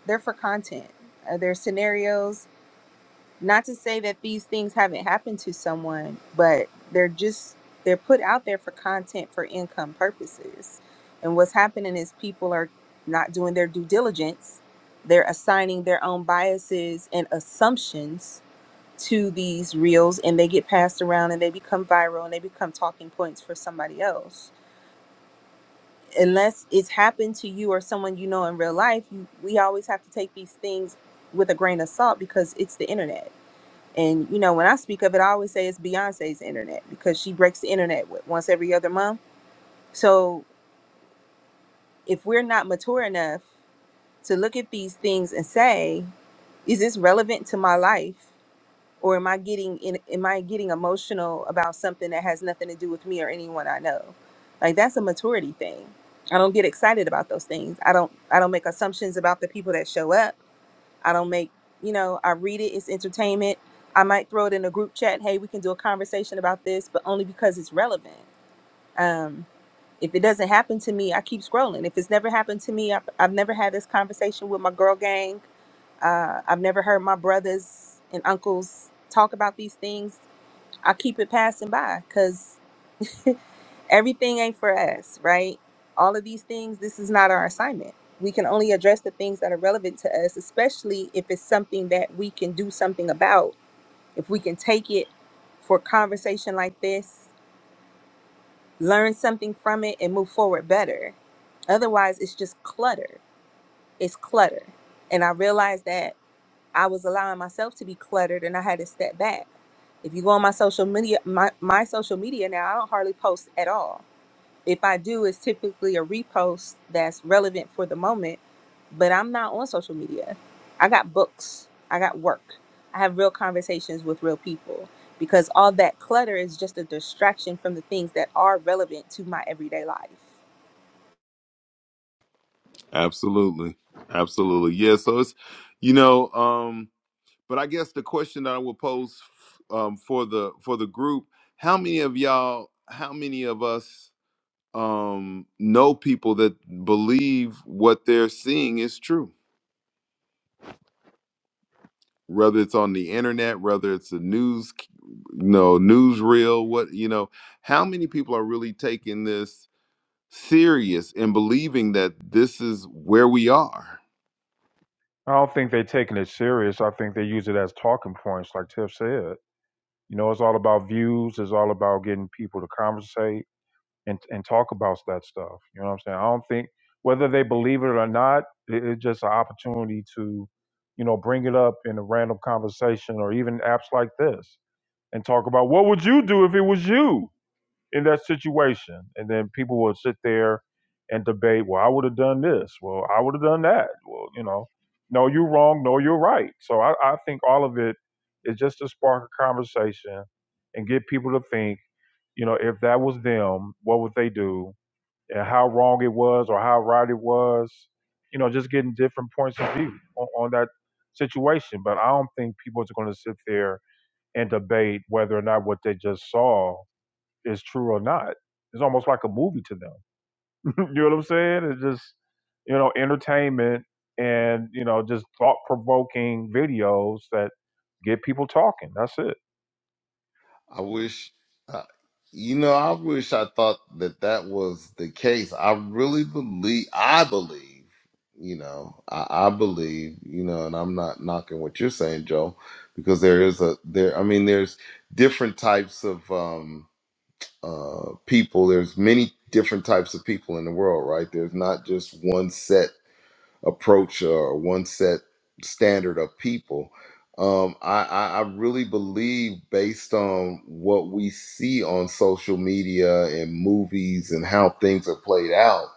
S4: they're for content. Uh, they're scenarios. Not to say that these things haven't happened to someone, but they're just they're put out there for content for income purposes. And what's happening is people are not doing their due diligence. They're assigning their own biases and assumptions to these reels and they get passed around and they become viral and they become talking points for somebody else. Unless it's happened to you or someone you know in real life, you, we always have to take these things with a grain of salt because it's the internet. And you know, when I speak of it, I always say it's Beyonce's internet because she breaks the internet what, once every other month. So if we're not mature enough to look at these things and say, is this relevant to my life? or am I getting in, am I getting emotional about something that has nothing to do with me or anyone I know? Like that's a maturity thing. I don't get excited about those things. I don't I don't make assumptions about the people that show up. I don't make, you know, I read it, it's entertainment. I might throw it in a group chat, hey, we can do a conversation about this, but only because it's relevant. Um if it doesn't happen to me, I keep scrolling. If it's never happened to me, I've, I've never had this conversation with my girl gang uh, I've never heard my brothers and uncles talk about these things. I keep it passing by because everything ain't for us, right? All of these things, this is not our assignment. We can only address the things that are relevant to us, especially if it's something that we can do something about. If we can take it for a conversation like this, learn something from it, and move forward better. Otherwise, it's just clutter. It's clutter. And I realized that I was allowing myself to be cluttered and I had to step back If you go on my social media, my, my social media now, I don't hardly post at all. If I do, it's typically a repost that's relevant for the moment, but I'm not on social media. I got books, I got work, I have real conversations with real people because all that clutter is just a distraction from the things that are relevant to my everyday life.
S1: Absolutely. Absolutely. Yeah. So it's, you know, um, but I guess the question that I will pose um, for the for the group, how many of y'all, how many of us um, know people that believe what they're seeing is true? whether it's on the internet, whether it's a news, c- you know, newsreel, what you know, how many people are really taking this serious and believing that this is where we are?
S2: I don't think they're taking it serious. I think they use it as talking points, like Tiff said. You know, it's all about views. It's all about getting people to conversate and, and talk about that stuff. You know what I'm saying? I don't think whether they believe it or not, it, it's just an opportunity to, you know, bring it up in a random conversation or even apps like this and talk about what would you do if it was you? in that situation. And then people will sit there and debate, well, I would have done this. Well, I would have done that. Well, you know, no, you're wrong. No, you're right. So I, I think all of it is just to spark a conversation and get people to think, you know, if that was them, what would they do? And how wrong it was or how right it was. You know, just getting different points of view on, on that situation. But I don't think people are going to sit there and debate whether or not what they just saw is true or not. It's almost like a movie to them. you know what I'm saying? It's just you know entertainment and you know just thought provoking videos that get people talking. That's it.
S1: I wish, uh, you know, I wish I thought that that was the case. I really believe, I believe, you know, I, I believe, you know, and I'm not knocking what you're saying, Joe, because there is a, there, I mean, there's different types of, um, uh, people. There's many different types of people in the world, right? There's not just one set approach or one set standard of people. Um, I, I, I really believe, based on what we see on social media and movies and how things are played out,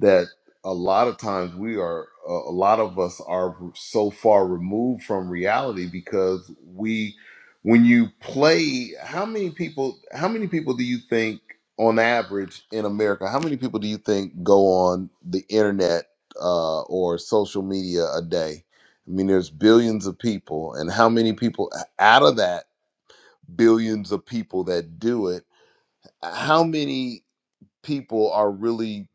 S1: that a lot of times we are a a lot of us are so far removed from reality because we when you play how many people how many people do you think on average in america how many people do you think go on the internet uh, or social media a day i mean there's billions of people and how many people out of that billions of people that do it how many people are really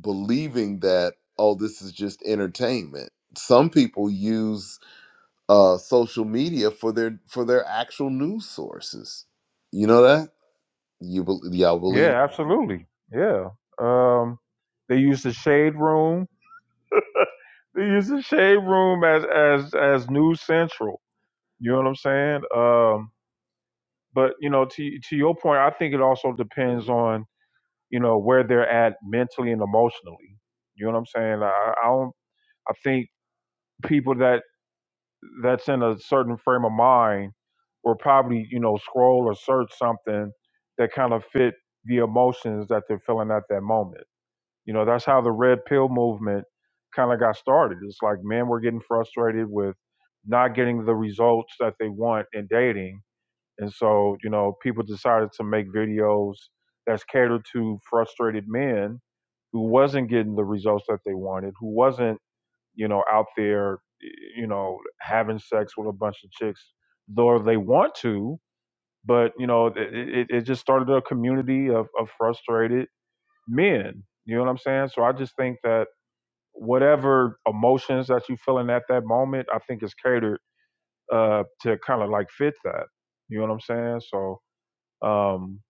S1: believing that oh this is just entertainment some people use uh social media for their for their actual news sources you know that you bel y'all believe
S2: Yeah, absolutely. Yeah. Um, they use the shade room. They use the shade room as as as News Central. You know what I'm saying? Um, but you know, to to your point, I think it also depends on you know where they're at mentally and emotionally. You know what I'm saying? I, I don't. I think people that that's in a certain frame of mind will probably you know scroll or search something that kind of fit the emotions that they're feeling at that moment. You know, that's how the red pill movement kind of got started. It's like men were getting frustrated with not getting the results that they want in dating And so, you know, people decided to make videos that's catered to frustrated men who wasn't getting the results that they wanted, who wasn't, you know, out there, you know, having sex with a bunch of chicks, though they want to, but you know, it, it, it just started a community of, of frustrated men. You know what I'm saying? So I just think that whatever emotions that you're feeling at that moment, I think is catered uh, to kind of like fit that. You know what I'm saying? So um,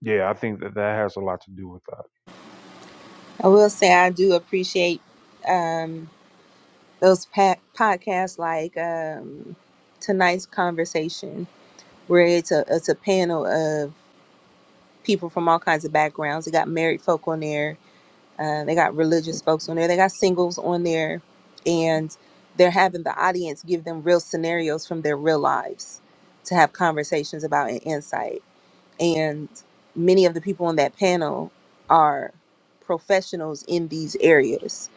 S2: yeah, I think that that has a lot to do with that.
S4: I will say I do appreciate um, those pa- podcasts like um, tonight's conversation where it's a it's a panel of people from all kinds of backgrounds. They got married folk on there. Uh, they got religious folks on there. They got singles on there, and they're having the audience give them real scenarios from their real lives to have conversations about and insight. And many of the people on that panel are professionals in these areas,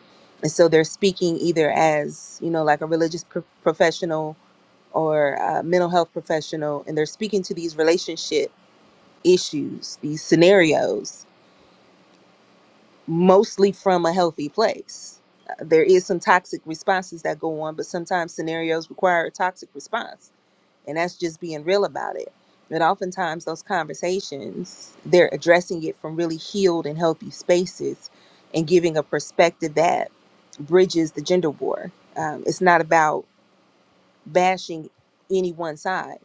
S4: and so they're speaking either as you know, like a religious pro- professional or a mental health professional, and they're speaking to these relationship issues, these scenarios mostly from a healthy place. Uh, There is some toxic responses that go on, but sometimes scenarios require a toxic response, and that's just being real about it. But oftentimes those conversations, they're addressing it from really healed and healthy spaces and giving a perspective that bridges the gender war. Um, it's not about bashing any one side.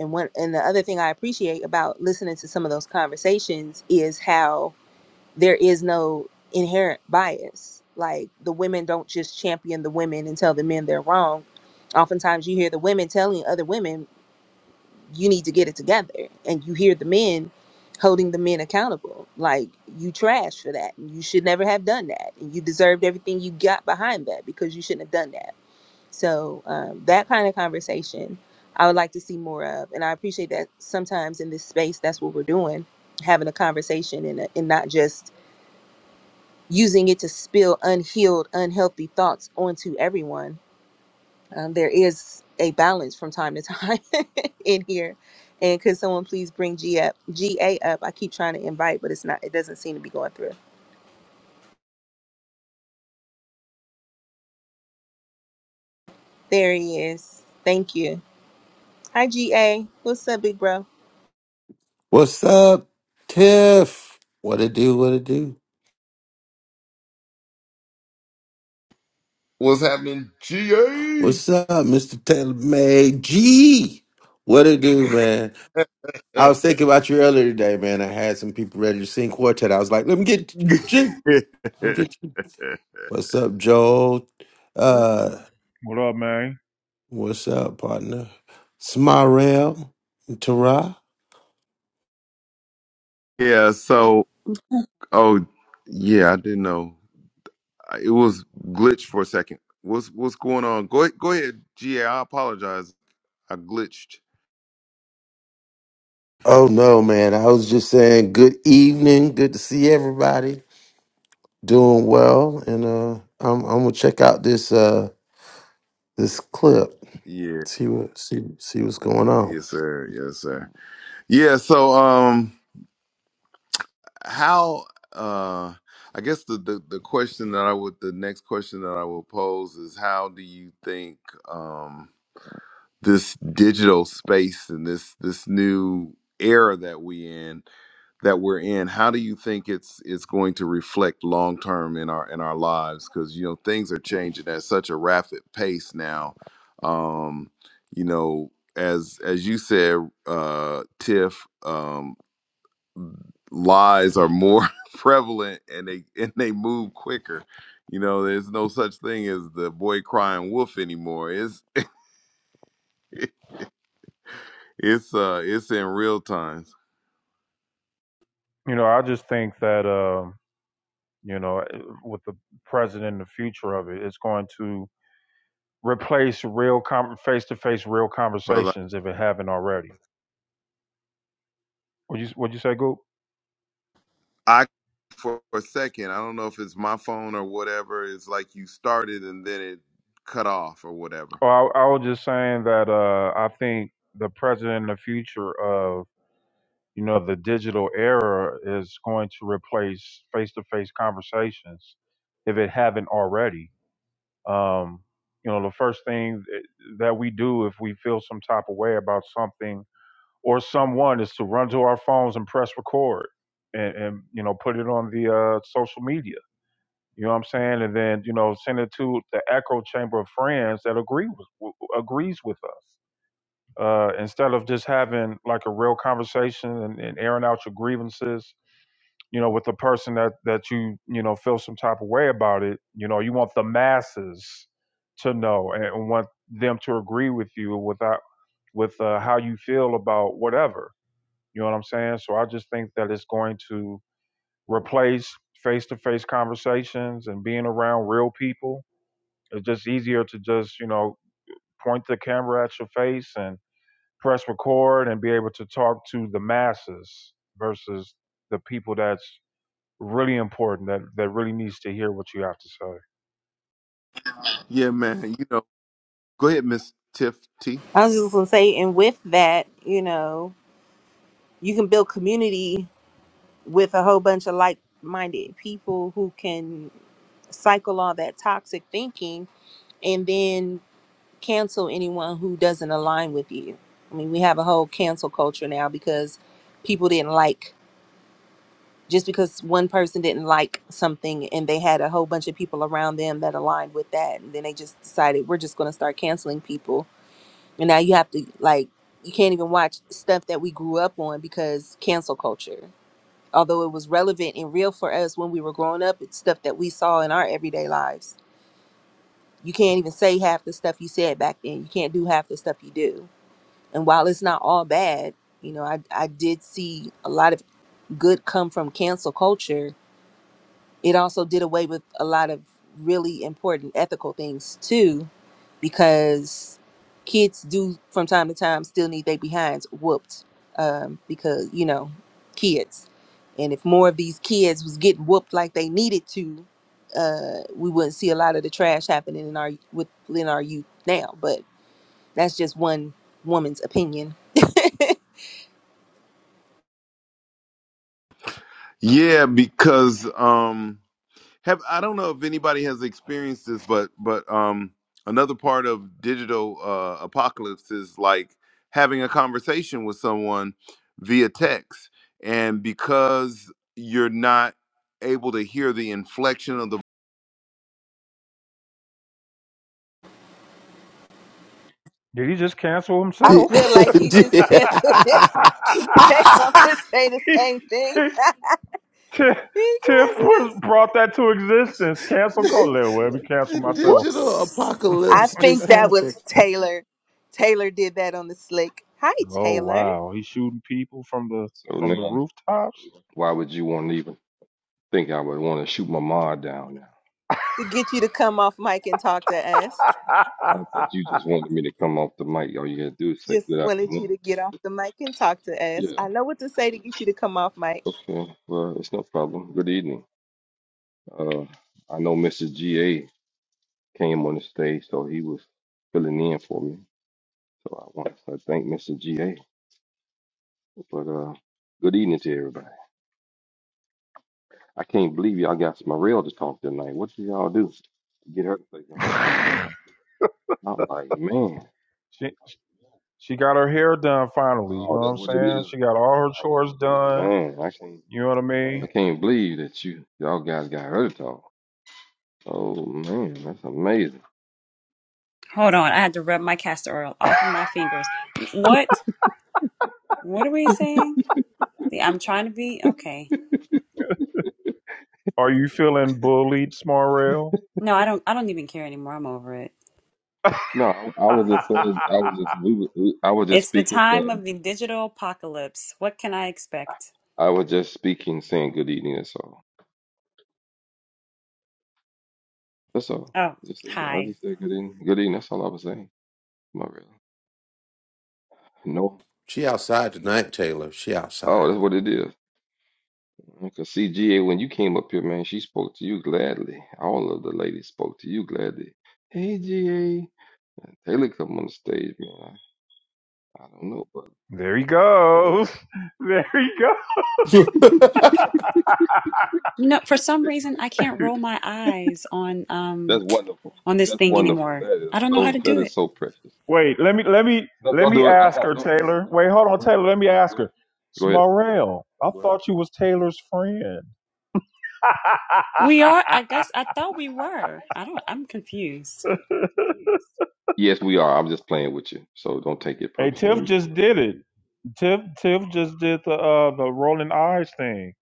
S4: And one and the other thing I appreciate about listening to some of those conversations is how there is no inherent bias. Like the women don't just champion the women and tell the men they're wrong. Oftentimes you hear the women telling other women, you need to get it together. And you hear the men holding the men accountable. Like you trash for that. And you should never have done that. And you deserved everything you got behind that because you shouldn't have done that. So um, that kind of conversation I would like to see more of. And I appreciate that sometimes in this space, that's what we're doing, having a conversation and, uh, and not just using it to spill unhealed, unhealthy thoughts onto everyone. Um, there is a balance from time to time in here. And could someone please bring G up, GA up? I keep trying to invite, but it's not, it doesn't seem to be going through. There he is. Thank you. Hi, GA. What's up, big bro?
S8: What's up, Tiff? What it do? What it do?
S1: what's happening ga
S8: What's up, Mr. Taylor May G? What it do, man? I was thinking about you earlier today, man. I had some people ready to sing quartet. I was like, let me get G. Let me get G. What's up, Joel? Uh,
S2: What up, man?
S8: what's up, partner? Smarel, Tara.
S1: yeah so oh yeah i didn't know I- it was glitched for a second what's what's going on go, ahead, go ahead ga i apologize i glitched
S8: Oh no, man. I was just saying good evening. Good to see everybody. Doing well. And uh I'm I'm gonna check out this uh this clip.
S1: Yeah.
S8: See what see see what's going on.
S1: Yes, sir. Yes, sir. Yeah. So, um, how? Uh, I guess the, the the question that I would the next question that I will pose is how do you think um this digital space and this this new era that we in that we're in how do you think it's it's going to reflect long term in our in our lives because you know things are changing at such a rapid pace now um you know as as you said uh tiff um lies are more prevalent and they and they move quicker you know there's no such thing as the boy crying wolf anymore it's it's uh it's in real time
S2: You know, I just think that um, you know, eh, with the present and the future of it, it's going to replace real com- face-to-face real
S1: brother.
S2: conversations if it haven't already. Would you would you say, Goop?
S1: I for a second, I don't know if it's my phone or whatever. It's like you started and then it cut off or whatever.
S2: Oh, I, I was just saying that uh, I think the present and the future of you know the digital era is going to replace face-to-face conversations if it haven't already um, you know the first thing that we do if we feel some type of way about something or someone is to run to our phones and press record and, and you know put it on the uh, social media you know what i'm saying and then you know send it to the echo chamber of friends that agree with w- agrees with us uh, instead of just having like a real conversation and, and airing out your grievances you know, with the person that that you you know feel some type of way about it. You know, you want the masses to know and, want them to agree with you without with uh, how you feel about whatever. You know what I'm saying? So I just think that it's going to replace face-to-face conversations and being around real people. It's just easier to just you know point the camera at your face and press record and be able to talk to the masses versus the people that's really important that that really needs to hear what you have to say.
S1: Yeah, man. You know, go ahead, Miss Tiff T.
S4: I was just going to say, and with that, you know, you can build community with a whole bunch of like minded people who can cycle all that toxic thinking. And then cancel anyone who doesn't align with you. I mean, we have a whole cancel culture now because people didn't like just because one person didn't like something and they had a whole bunch of people around them that aligned with that and then they just decided we're just going to start canceling people. And now you have to like you can't even watch stuff that we grew up on because cancel culture. Although it was relevant and real for us when we were growing up, it's stuff that we saw in our everyday lives. You can't even say half the stuff you said back then. You can't do half the stuff you do and while it's not all bad, you know, I I did see a lot of good come from cancel culture. It also did away with a lot of really important ethical things too, because kids do from time to time still need their behinds whooped um, because you know kids, and if more of these kids was getting whooped like they needed to, uh, we wouldn't see a lot of the trash happening in our within our youth now. But that's just one woman's opinion.
S1: Yeah, because um, have I don't know if anybody has experienced this, but but um, another part of digital uh, apocalypse is like having a conversation with someone via text, and because you're not able to hear the inflection of the
S2: Did he just cancel
S4: I
S8: Di-
S2: himself?
S4: feel like he
S8: di-
S4: just canceled it. We came up to say the
S2: He-
S4: same thing.
S2: he- Ti-
S4: he
S2: Tiff put, brought that to existence. Cancel
S4: canceled us.
S2: Colette. Let me cancel
S8: the
S2: myself.
S8: digital
S4: Whoops. I
S8: apocalypse just
S4: think that
S8: happened.
S4: was Taylor. Taylor did that on the slick. Hi,
S2: Oh
S4: Taylor.
S2: wow, he's shooting people from the
S9: So
S2: from the
S9: now,
S2: rooftops.
S9: why would you want to even think I would want to shoot my ma down now?
S4: To get you to come off mic and talk to us.
S9: I think you just wanted me to come off the mic. All you had to do is say
S4: Just
S9: good
S4: wanted you
S9: afternoon.
S4: to get off the mic and talk to us.
S9: Yeah.
S4: I know what to say to get you to come off mic.
S9: Okay. Well, it's no problem. Good evening. Uh, I know Mr. GA came on the stage, so he was filling in for me. So I want to thank Mr. GA. But uh, good evening to everybody. I can't believe y'all got Smarell to talk tonight. What did y'all do to get her to say something? I'm like, man.
S2: she she got her hair done finally. You
S9: Oh,
S2: know what
S9: that's
S2: I'm
S9: what it
S2: saying?
S9: is.
S2: She got all her chores done.
S9: Man, I can't.
S2: You know what I
S9: I
S2: mean?
S9: can't believe that you y'all guys got her to talk. Oh man, that's amazing.
S6: Hold on, I had to rub my castor oil off of my fingers. What? What are we saying? See, I'm trying to be okay.
S2: Are you feeling bullied, Smarrell?
S6: No, I don't. I don't even care anymore. I'm over it.
S9: No, I, I was just saying. I was just we, was- we. I was just
S6: It's the
S9: speaking,
S6: time
S9: saying.
S6: of the digital apocalypse. What can I expect?
S9: I was just speaking, saying good evening. That's all. That's all.
S6: Oh,
S9: I just say. I
S6: hi.
S9: just say good evening. Good evening. That's all I was saying. My real. No.
S8: She outside tonight, Taylor. She outside.
S9: Oh, that's what it is. Because CGA, when you came up here, man, she spoke to you gladly. All of the ladies spoke to you gladly. Hey, GA. Taylor come on the stage, man. I, I don't know, but.
S2: There he goes. There he goes.
S6: You know, for some reason, I can't roll my eyes on um
S9: That's wonderful.
S6: on this
S9: That's
S6: thing
S9: wonderful.
S6: anymore.
S9: That
S6: I
S9: is
S6: don't know how
S9: so.
S6: to
S9: That
S6: do
S9: is
S6: it.
S9: so precious.
S2: Wait, let me let me
S9: No,
S2: let
S9: don't
S2: me
S9: do it. Don't.
S2: ask
S9: Uh,
S2: her,
S9: don't.
S2: Taylor.
S9: Uh,
S2: Wait, hold on,
S9: go ahead.
S2: Taylor. Let me
S9: Okay,
S2: ask
S9: go
S2: her.
S9: ahead. Go ahead.
S2: Smorell, I What? thought you was Taylor's friend.
S6: We are. I guess I thought we were. I don't. I'm confused.
S9: Yes, we are. I'm just playing with you, so don't take it
S2: hey,
S9: personal.
S2: Tiff
S9: Let me
S2: just
S9: quit.
S2: did it. Tiff Tiff just did the uh the rolling eyes thing.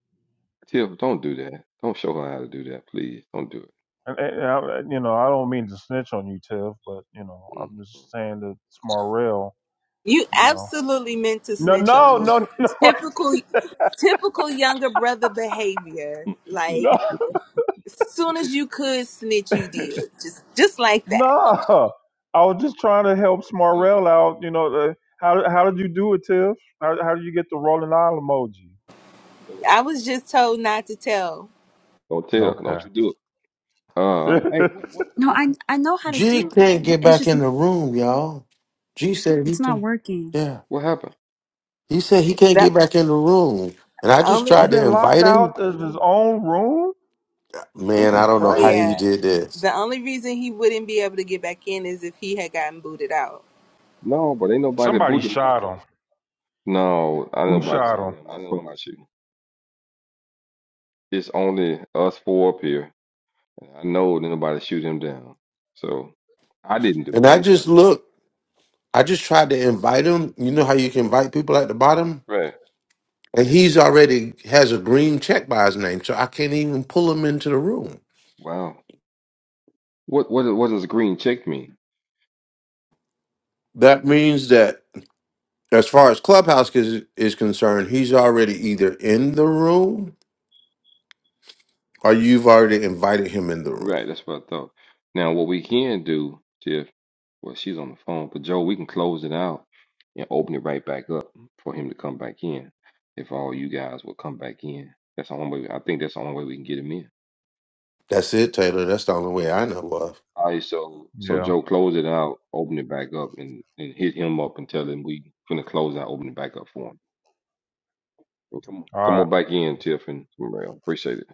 S9: Tiff, don't do that. Don't show her how to do that, please. Don't do
S2: And, and, and I, you know, I don't mean to snitch on you, Tiff, but you know,
S9: it.
S2: I'm just saying that Smorell,
S4: You
S2: you know.
S4: absolutely meant to
S2: No,
S4: snitch on
S2: no,
S4: me.
S2: no, no,
S4: Typical typical younger brother behavior.
S9: Mm.
S4: Like
S2: no.
S4: soon as you could snitch, you did. Just just like that.
S2: No, I was just trying to help
S9: so,
S2: Smarrell out. You know, uh, how how did you do it, Tiff? How how did you get the rolling eye emoji?
S9: so
S4: I was just told not to tell.
S9: don't tell.
S2: Okay,
S9: Don't you do it. Uh, hey, what, what,
S6: No,
S9: what,
S6: I I know how to
S8: G
S9: what,
S6: do.
S8: can't get
S6: It's
S8: back
S6: just
S8: in the room, y'all. G said he
S6: it's not
S8: can.
S6: working.
S8: Yeah,
S9: what happened?
S8: he said he can't
S4: The
S8: get back in the room, and I just
S4: only
S2: he
S8: tried to
S2: been locked
S8: invite him.
S2: out of his own room. This
S8: Man, I
S2: is
S8: don't
S9: Oh,
S8: know how he
S2: crazy.
S4: yeah.
S8: did this.
S4: The only reason he wouldn't be able to get back in is if he had gotten booted out.
S9: no, but ain't nobody
S2: Somebody
S9: booted him out
S2: shot
S9: though.
S2: him.
S9: No, I
S2: Who
S9: nobody
S2: shot
S9: shot
S2: him?
S9: him. I promise you. It's only us four up here. And I know nobody shoot him down. So I didn't do
S8: And
S9: it. I
S8: I
S9: know I
S8: just
S9: did.
S8: look. I just tried to invite him. You know how you can invite people at the bottom.
S9: Right.
S8: And he's already has a green check by his name, so I can't even pull him into the room.
S9: Wow. What what what does green check mean?
S8: That means that as far as Clubhouse is, is concerned, he's already either in the room or you've already invited him in the room.
S9: Right, that's what I thought. Now what we can do, Tiff, well she's on the phone, but Joe, we can close it out and open it right back up for him to come back in. If all you guys will come back in. That's the only way I think that's the only way we can get him in.
S8: That's it, Taylor. That's the only way I know of.
S9: All right, so so
S2: Yeah.
S9: Joe, close it out, open it back up and, and hit him up and tell him we finna close out, open it back up for him. Come,
S2: All
S9: come
S2: right.
S9: on back in, Tiff and Morel. Appreciate it.